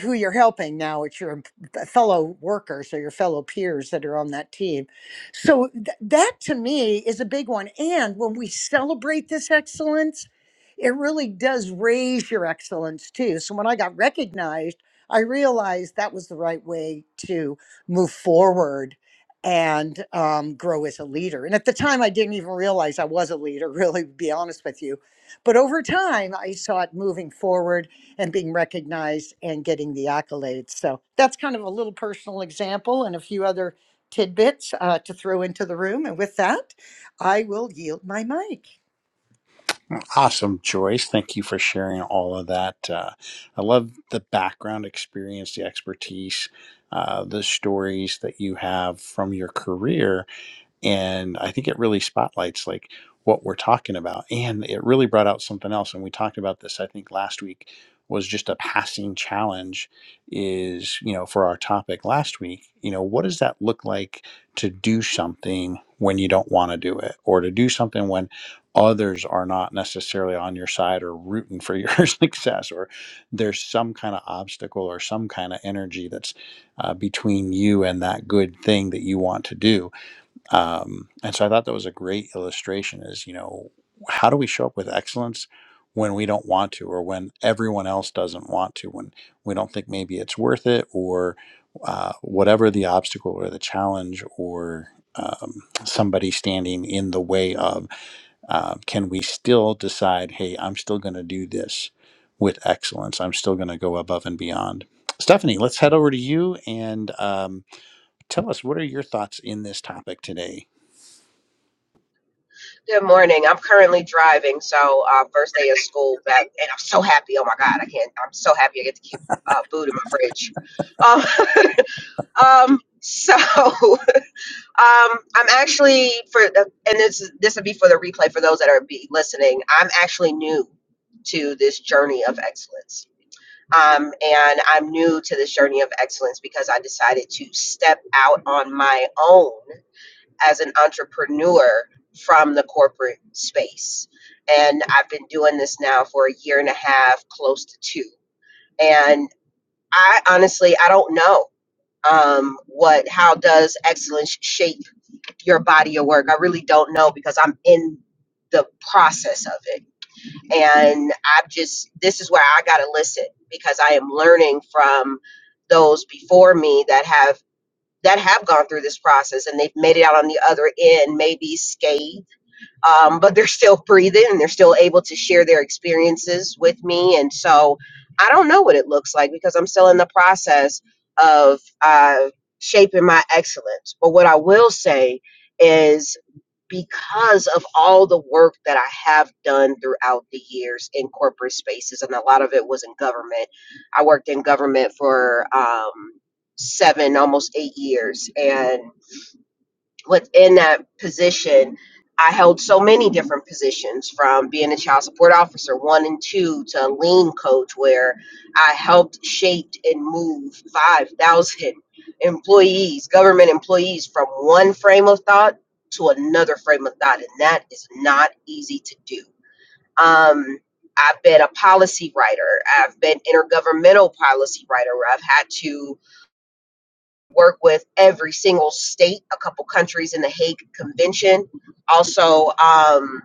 [SPEAKER 3] who you're helping now, it's your em- fellow workers or your fellow peers that are on that team. So th- that to me is a big one. And when we celebrate this excellence, it really does raise your excellence too. So when I got recognized, I realized that was the right way to move forward and um, grow as a leader. And at the time, I didn't even realize I was a leader, [laughs] really, to be honest with you but over time, I saw it moving forward and being recognized and getting the accolades. So that's kind of a little personal example and a few other tidbits uh, to throw into the room. And with that, I will yield my mic.
[SPEAKER 1] Awesome, Joyce. Thank you for sharing all of that. Uh, I love the background experience, the expertise, uh, the stories that you have from your career and i think it really spotlights like what we're talking about and it really brought out something else and we talked about this i think last week was just a passing challenge is you know for our topic last week you know what does that look like to do something when you don't want to do it or to do something when others are not necessarily on your side or rooting for your [laughs] success or there's some kind of obstacle or some kind of energy that's uh, between you and that good thing that you want to do um, and so i thought that was a great illustration is you know how do we show up with excellence when we don't want to or when everyone else doesn't want to when we don't think maybe it's worth it or uh, whatever the obstacle or the challenge or um, somebody standing in the way of um, can we still decide hey i'm still going to do this with excellence i'm still going to go above and beyond stephanie let's head over to you and um, tell us what are your thoughts in this topic today
[SPEAKER 4] Good morning. I'm currently driving, so uh, first day of school back, and I'm so happy. Oh my God, I can't. I'm so happy I get to keep uh, food in my fridge. Um, [laughs] um, so [laughs] um, I'm actually for, the, and this is- this would be for the replay for those that are be listening. I'm actually new to this journey of excellence, um, and I'm new to this journey of excellence because I decided to step out on my own as an entrepreneur from the corporate space. And I've been doing this now for a year and a half, close to two. And I honestly, I don't know um, what, how does excellence shape your body of work? I really don't know because I'm in the process of it. And I've just, this is where I got to listen because I am learning from those before me that have that have gone through this process and they've made it out on the other end, maybe scathed um, but they're still breathing and they're still able to share their experiences with me. And so I don't know what it looks like because I'm still in the process of uh, shaping my excellence. But what I will say is because of all the work that I have done throughout the years in corporate spaces, and a lot of it was in government, I worked in government for um, seven, almost eight years. And within that position, I held so many different positions from being a child support officer one and two to a lean coach, where I helped shaped and move 5,000 [laughs] employees, government employees, from one frame of thought to another frame of thought. And that is not easy to do. Um, I've been a policy writer, I've been intergovernmental policy writer, where I've had to work with every single state, a couple countries in the Hague Convention. Also, um,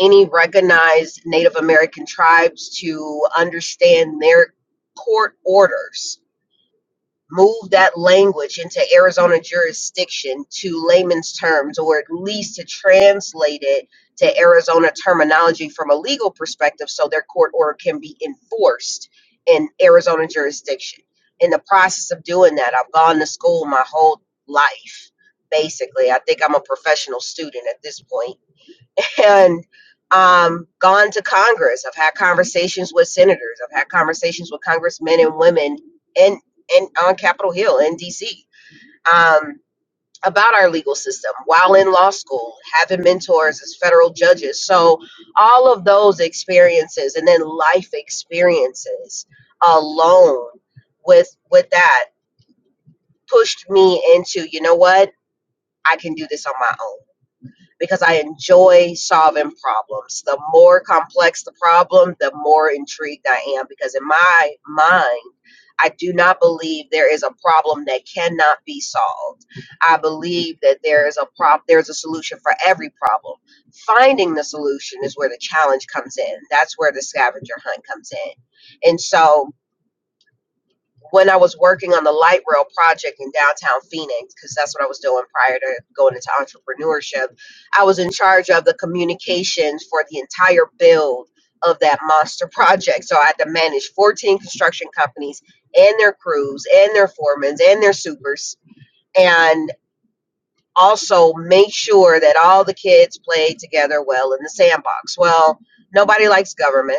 [SPEAKER 4] any recognized Native American tribes to understand their court orders move that language into Arizona jurisdiction to layman's terms, or at least to translate it to Arizona terminology from a legal perspective so their court order can be enforced in Arizona jurisdiction. In the process of doing that, I've gone to school my whole life, basically. I think I'm a professional student at this point and um, gone to Congress. I've had conversations with senators. I've had conversations with congressmen and women in, in on Capitol Hill in DC um, about our legal system while in law school, having mentors as federal judges. So all of those experiences and then life experiences alone with with that pushed me into you know what I can do this on my own because I enjoy solving problems. The more complex the problem, the more intrigued I am because in my mind, I do not believe there is a problem that cannot be solved. I believe that there is a prop there's a solution for every problem. Finding the solution is where the challenge comes in. That's where the scavenger hunt comes in. And so when I was working on the light rail project in downtown Phoenix, because that's what I was doing prior to going into entrepreneurship, I was in charge of the communications for the entire build of that monster [laughs] project. So I had to manage 14 construction companies and their crews and their foremans and their supers and also make sure that all the kids played together well in the sandbox. Well, nobody likes government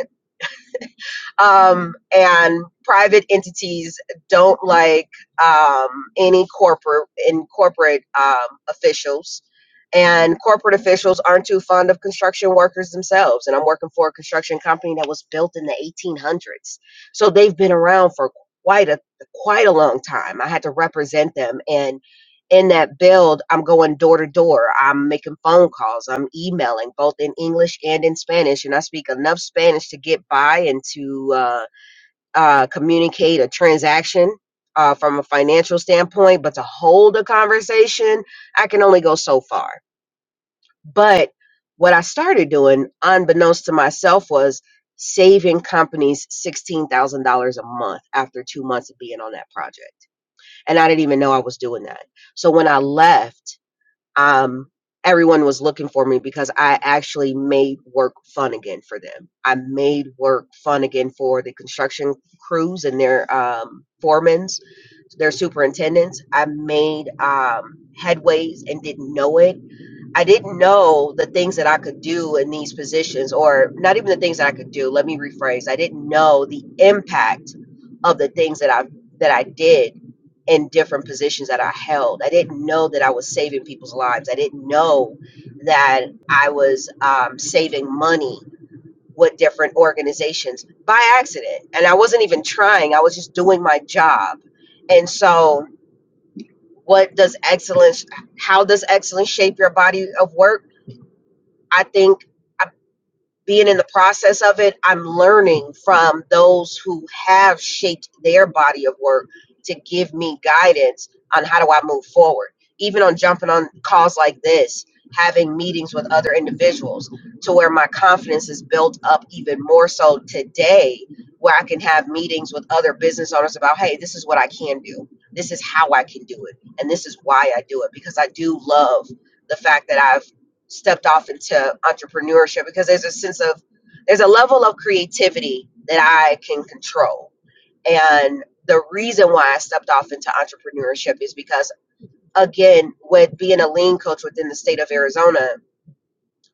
[SPEAKER 4] um, and private entities don't like um, any corporate in corporate um, officials and corporate officials aren't too fond of construction workers themselves and i'm working for a construction company that was built in the 1800s so they've been around for quite a quite a long time i had to represent them in in that build, I'm going door to door. I'm making phone calls. I'm emailing both in English and in Spanish, and I speak enough Spanish to get by and to uh, uh, communicate a transaction uh, from a financial standpoint. But to hold a conversation, I can only go so far. But what I started doing, unbeknownst to myself, was saving companies $16,000 a month after two months of being on that project. And I didn't even know I was doing that. So when I left, um, everyone was looking for me because I actually made work fun again for them. I made work fun again for the construction crews and their um, foremans, their superintendents. I made um, headways and didn't know it I didn't know the things that I could do in these positions, or not even the things that I could do. Let me rephrase. I didn't know the impact of the things that I that I did in different positions that I held. I didn't know that I was saving people's lives. I didn't know that I was um, saving money with different organizations by accident, and I wasn't even trying. I was just doing my job, and so. What does excellence? How does excellence shape your body of work? I think uh, being in the process of it, I'm learning from those who have shaped their body of work to give me guidance on how do I move forward. Even on jumping on calls like this, having meetings with other individuals to where my confidence is built up even more so today, where I can have meetings with other business owners about, hey, this is what I can do. This is how I can do it. And this is why I do it because I do love the fact that I've stepped off into entrepreneurship because there's a sense of there's a level of creativity that I can control. And the reason why I stepped off into entrepreneurship is because again, with being a lean coach within the state of Arizona,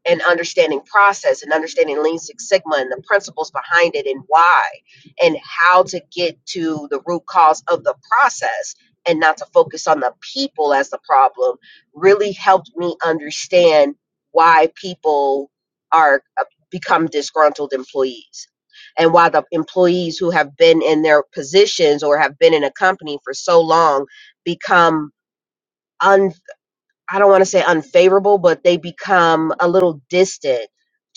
[SPEAKER 4] and understanding process and understanding lean six sigma and the principles behind it and why and how to get to the root cause of the process and not to focus on the people as the problem really helped me understand why people are uh, become disgruntled employees and why the employees who have been in their positions or have been in a company for so long become un. I don't want to say unfavorable, but they become a little distant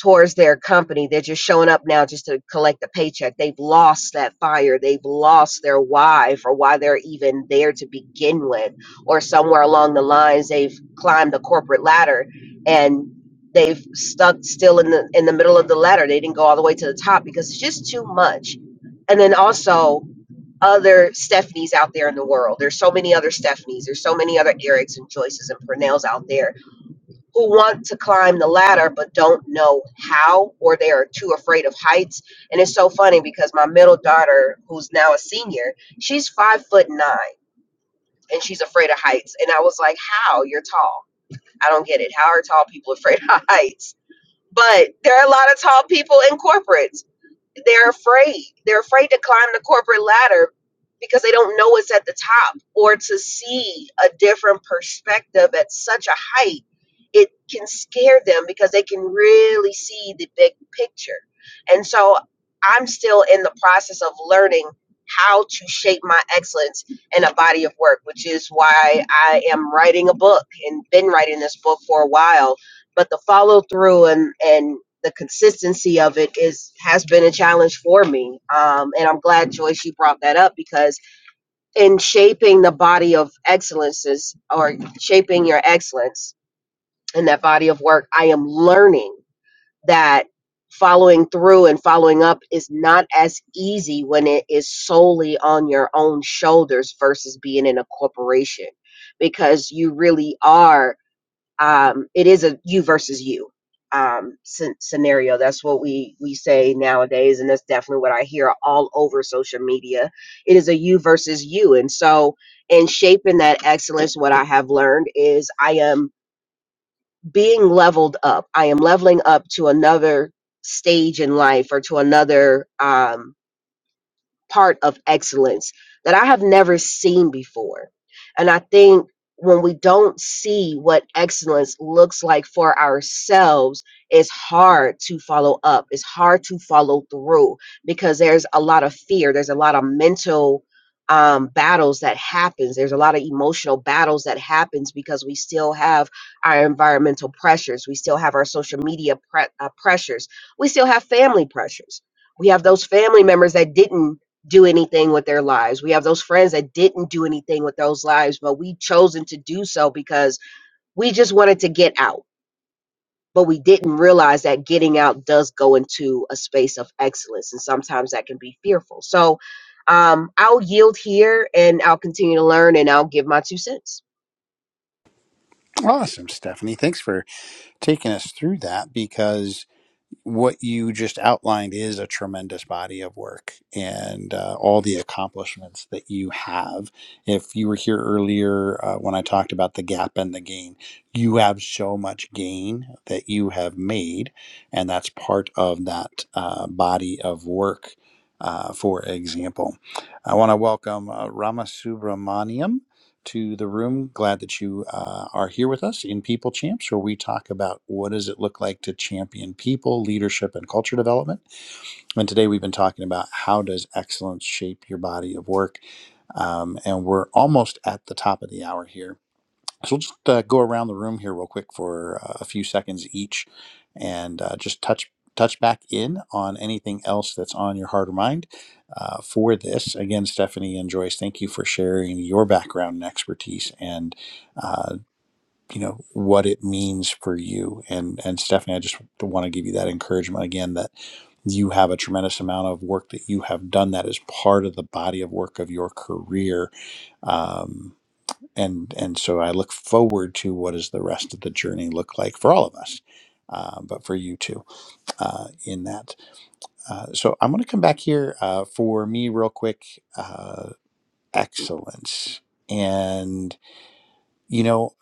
[SPEAKER 4] towards their company. They're just showing up now just to collect a paycheck. They've lost that fire. They've lost their why for why they're even there to begin with. Or somewhere along the lines, they've climbed the corporate ladder and they've stuck still in the in the middle of the ladder. They didn't go all the way to the top because it's just too much. And then also other Stephanies out there in the world. There's so many other Stephanies. There's so many other Erics and Joyces and Purnells out there who want to climb the ladder but don't know how or they are too afraid of heights. And it's so funny because my middle daughter, who's now a senior, she's five foot nine and she's afraid of heights. And I was like, How? You're tall. I don't get it. How are tall people afraid of [laughs] heights? But there are a lot of tall people in corporates they're afraid. They're afraid to climb the corporate ladder because they don't know what's at the top or to see a different perspective at such a height. It can scare them because they can really see the big picture. And so I'm still in the process of learning how to shape my excellence in a body of work, which is why I am writing a book and been writing this book for a while but the follow through and and the consistency of it is has been a challenge for me um, and i'm glad joyce you brought that up because in shaping the body of excellences or shaping your excellence in that body of work i am learning that following through and following up is not as easy when it is solely on your own shoulders versus being in a corporation because you really are um, it is a you versus you um, scen- scenario. That's what we we say nowadays, and that's definitely what I hear all over social media. It is a you versus you, and so in shaping that excellence, what I have learned is I am being leveled up. I am leveling up to another stage in life or to another. Um, part of excellence that I have never seen before. And I think when we don't see what excellence looks like for ourselves, it's hard to follow up. It's hard to follow through because there's a lot of fear. There's a lot of mental um, battles that happens. There's a lot of emotional battles that happens because we still have our environmental pressures. We still have our social media pre- uh, pressures. We still have family pressures. We have those family members that didn't do anything with their lives. We have those friends that didn't do anything with those lives, but we chosen to do so because we just wanted to get out. But we didn't realize that getting out does go into a space of excellence, and sometimes that can be fearful. So um, I'll yield here and I'll continue to learn and I'll give my two cents.
[SPEAKER 1] Awesome, Stephanie. Thanks for taking us through that because what you just outlined is a tremendous body of work and uh, all the accomplishments that you have. If you were here earlier uh, when I talked about the gap and the gain, you have so much gain that you have made, and that's part of that uh, body of work. Uh, for example, I want to welcome uh, Rama Subramaniam to the room. Glad that you uh, are here with us in People Champs, where we talk about what does it look like to champion people, leadership, and culture development. And today we've been talking about how does excellence shape your body of work. Um, and we're almost at the top of the hour here. So we'll just uh, go around the room here real quick for uh, a few seconds each, and uh, just touch touch back in on anything else that's on your heart or mind uh, for this. Again, Stephanie and Joyce, thank you for sharing your background and expertise, and uh, you know what it means for you. And and Stephanie, I just want to give you that encouragement again that you have a tremendous amount of work that you have done that is part of the body of work of your career um, and and so I look forward to what does the rest of the journey look like for all of us, uh, but for you too uh, in that. Uh, so I'm going to come back here uh, for me real quick. Uh, excellence, and you know,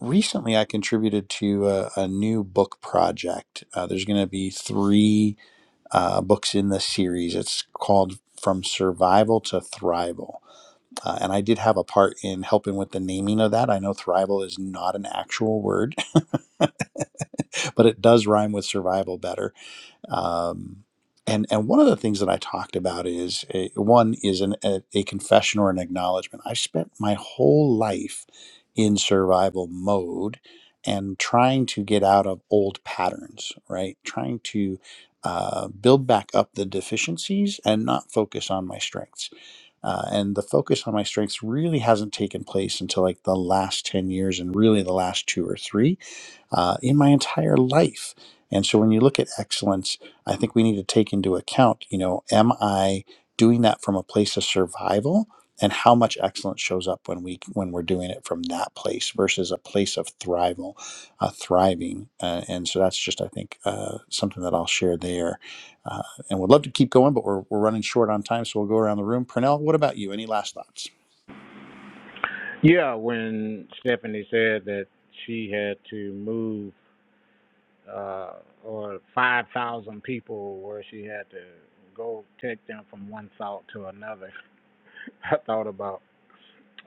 [SPEAKER 1] recently I contributed to a, a new book project. Uh, there's going to be three uh, books in the series. It's called From Survival to Thrival uh, and I did have a part in helping with the naming of that. I know thrival is not an actual word, [laughs] but it does rhyme with survival better. Um, and and one of the things that I talked about is uh, one is an, a, a confession or an acknowledgement. I spent my whole life in survival mode and trying to get out of old patterns, right? Trying to uh, build back up the deficiencies and not focus on my strengths uh, and the focus on my strengths really hasn't taken place until like the last 10 years and really the last two or three uh, in my entire life. And so when you look at excellence, I think we need to take into account, you know, am I doing that from a place of survival? And how much excellence shows up when we when we're doing it from that place versus a place of thrival, uh, thriving, uh, and so that's just I think uh, something that I'll share there, uh, and would love to keep going, but we're, we're running short on time, so we'll go around the room. Pernell, what about you? Any last thoughts?
[SPEAKER 2] Yeah, when Stephanie said that she had to move uh, or 5,000 people where she had to go take them from one thought to another, [laughs] I thought about.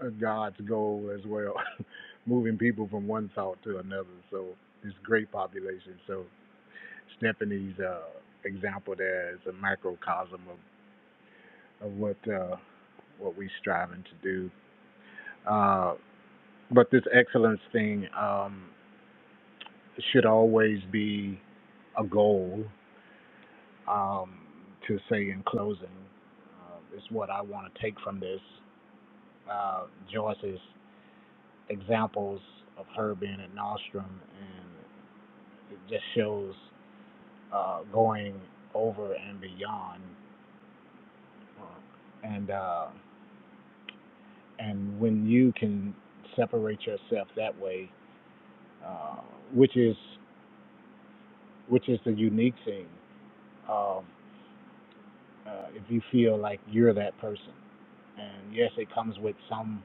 [SPEAKER 2] uh, God's goal as well, [laughs] moving people from one thought to another. So it's great population. So Stephanie's uh, example there is a microcosm of, of what uh, what we are striving to do. Uh, but this excellence thing um, should always be a goal. Um, to say in closing, uh, is what I want to take from this. Uh, Joyce's examples of her being at Nostrum It just shows uh, going over and beyond, and uh, and when you can separate yourself that way, uh, which is which is the unique thing of uh, if you feel like you're that person. And yes, it comes with some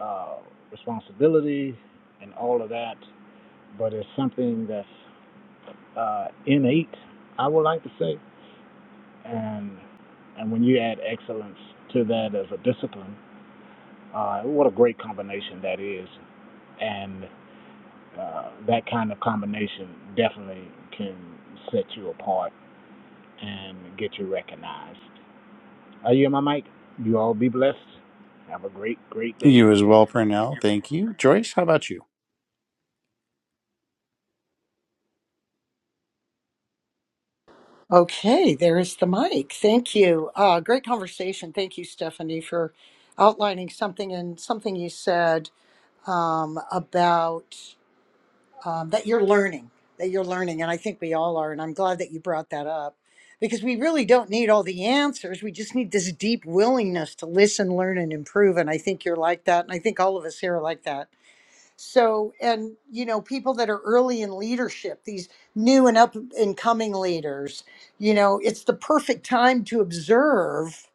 [SPEAKER 2] uh, responsibility and all of that, but it's something that's uh, innate, I would like to say, and and when you add excellence to that as a discipline Uh, what a great combination that is. And uh, that kind of combination definitely can set you apart and get you recognized. Are you in my mic? You all be blessed. Have a great, great day.
[SPEAKER 1] You as well, Pernell. Thank you, Joyce. How about you?
[SPEAKER 3] Okay, there is the mic. Thank you. Uh, great conversation. Thank you, Stephanie, for outlining something and something you said um, about um, that you're learning, that you're learning. And I think we all are. And I'm glad that you brought that up because we really don't need all the answers. We just need this deep willingness to listen, learn, and improve. And I think you're like that. And I think all of us here are like that. So, and you know, people that are early in leadership, these new and up and coming leaders, you know, it's the perfect time to observe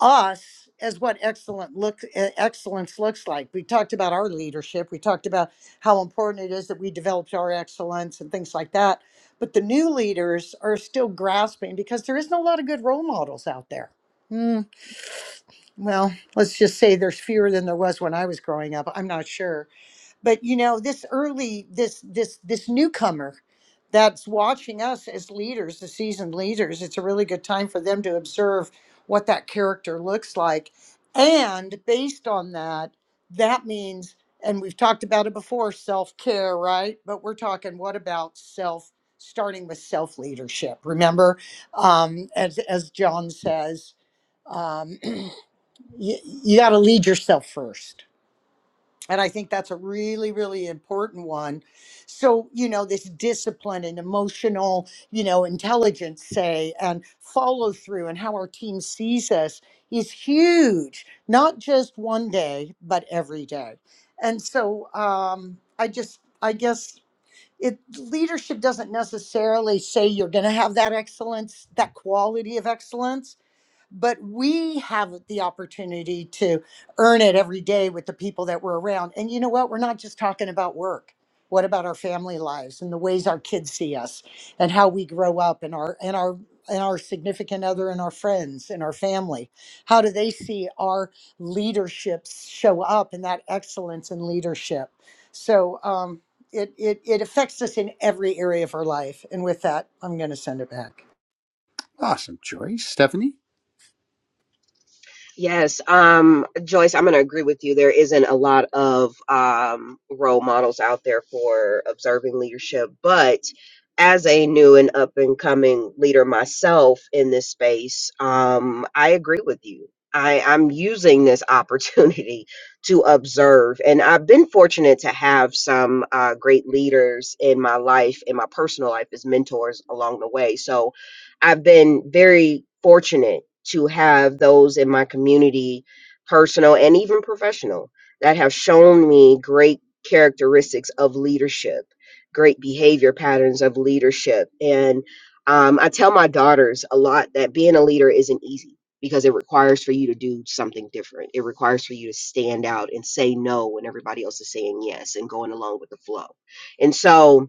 [SPEAKER 3] us as what excellent look eh, excellence looks like. We talked about our leadership. We talked about how important it is that we developed our excellence and things like that. But the new leaders are still grasping because there isn't a lot of good role models out there. Hmm, well, let's just say there's fewer than there was when I was growing up. I'm not sure but you know this early this this this newcomer that's watching us as leaders the seasoned leaders it's a really good time for them to observe what that character looks like and based on that that means and we've talked about it before self-care right but we're talking what about self starting with self-leadership remember um, as as john says um, [clears throat] you, you got to lead yourself first and I think that's a really, really important one. So, you know, this discipline and emotional, you know, intelligence, say, and follow through and how our team sees us is huge, not just one day, but every day. And so um, I just, I guess it leadership doesn't necessarily say you're going to have that excellence, that quality of excellence but we have the opportunity to earn it every day with the people that we're around. And you know what? We're not just talking about work. What about our family lives and the ways our kids see us and how we grow up and our and our and our significant other and our friends and our family? How do they see our leaderships show up and that excellence in leadership? So um, it, it it affects us in every area of our life. And with that, I'm going to send it back.
[SPEAKER 1] Awesome, Joyce. Stephanie.
[SPEAKER 4] Yes, um, Joyce, I'm going to agree with you. There isn't a lot of um, role models out there for observing leadership, but as a new and up and coming leader myself in this space, um, I agree with you. I, I'm using this opportunity [laughs] to observe, and I've been fortunate to have some uh, great leaders in my life, in my personal life, as mentors along the way. So I've been very fortunate to have those in my community, personal and even professional, that have shown me great characteristics of leadership, great behavior patterns of leadership. And um, I tell my daughters a lot that being a leader isn't easy because it requires for you to do something different. It requires for you to stand out and say no when everybody else is saying yes and going along with the flow. And so,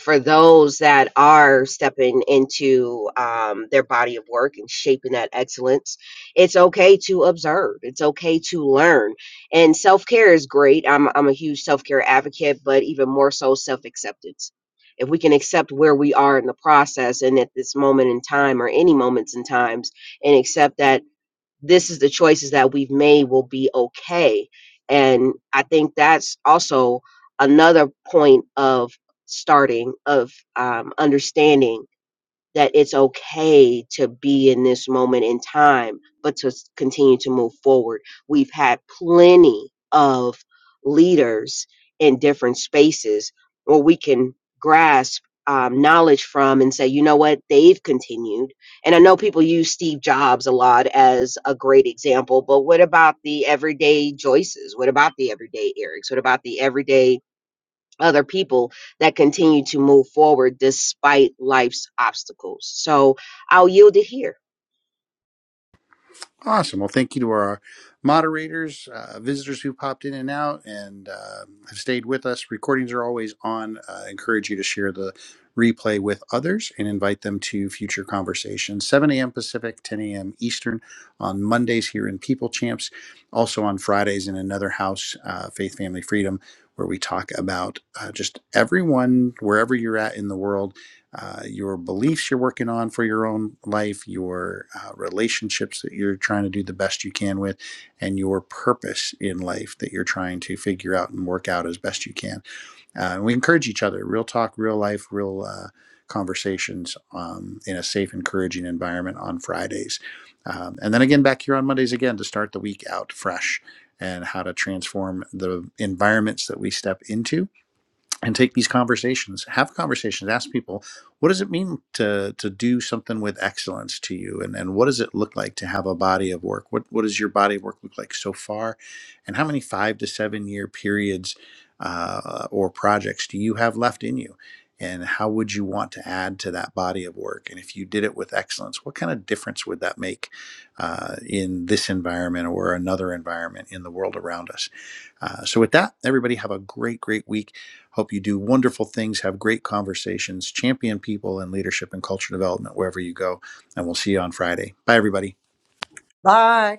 [SPEAKER 4] for those that are stepping into um, their body of work and shaping that excellence, it's okay to observe. It's okay to learn. And self care is great. I'm, I'm a huge self care advocate, but even more so, self acceptance. If we can accept where we are in the process and at this moment in time or any moments in times and accept that this is the choices that we've made will be okay and i think that's also another point of starting of um, understanding that it's okay to be in this moment in time, but to s- continue to move forward. We've had plenty of leaders in different spaces where we can grasp um, knowledge from and say, you know what, they've continued. And I know people use Steve Jobs a lot as a great example, but what about the everyday Joyces? What about the everyday Erics? What about the everyday other people that continue to move forward despite life's obstacles. So I'll yield it here.
[SPEAKER 1] Awesome. Well, thank you to our moderators, uh, visitors who popped in and out and uh, have stayed with us. Recordings are always on. Uh, I encourage you to share the replay with others and invite them to future conversations. 7 a.m. Pacific, 10 a.m. Eastern on Mondays here in People Champs. Also on Fridays in another house, uh, Faith, Family, Freedom, where we talk about uh, just everyone, wherever you're at in the world uh, your beliefs you're working on for your own life, your uh, relationships that you're trying to do the best you can with, and your purpose in life that you're trying to figure out and work out as best you can. Uh, and we encourage each other, real talk, real life, real uh, conversations um, in a safe, encouraging environment on Fridays. Um, and then again, back here on Mondays again to start the week out fresh and how to transform the environments that we step into and take these conversations have conversations ask people what does it mean to to do something with excellence to you and and what does it look like to have a body of work what what does your body of work look like so far and how many five to seven year periods uh, or projects do you have left in you and how would you want to add to that body of work and if you did it with excellence what kind of difference would that make uh, in this environment or another environment in the world around us uh, so with that everybody have a great great week Hope you do wonderful things, have great conversations, champion people in leadership and culture development wherever you go. And we'll see you on Friday. Bye, everybody.
[SPEAKER 3] Bye.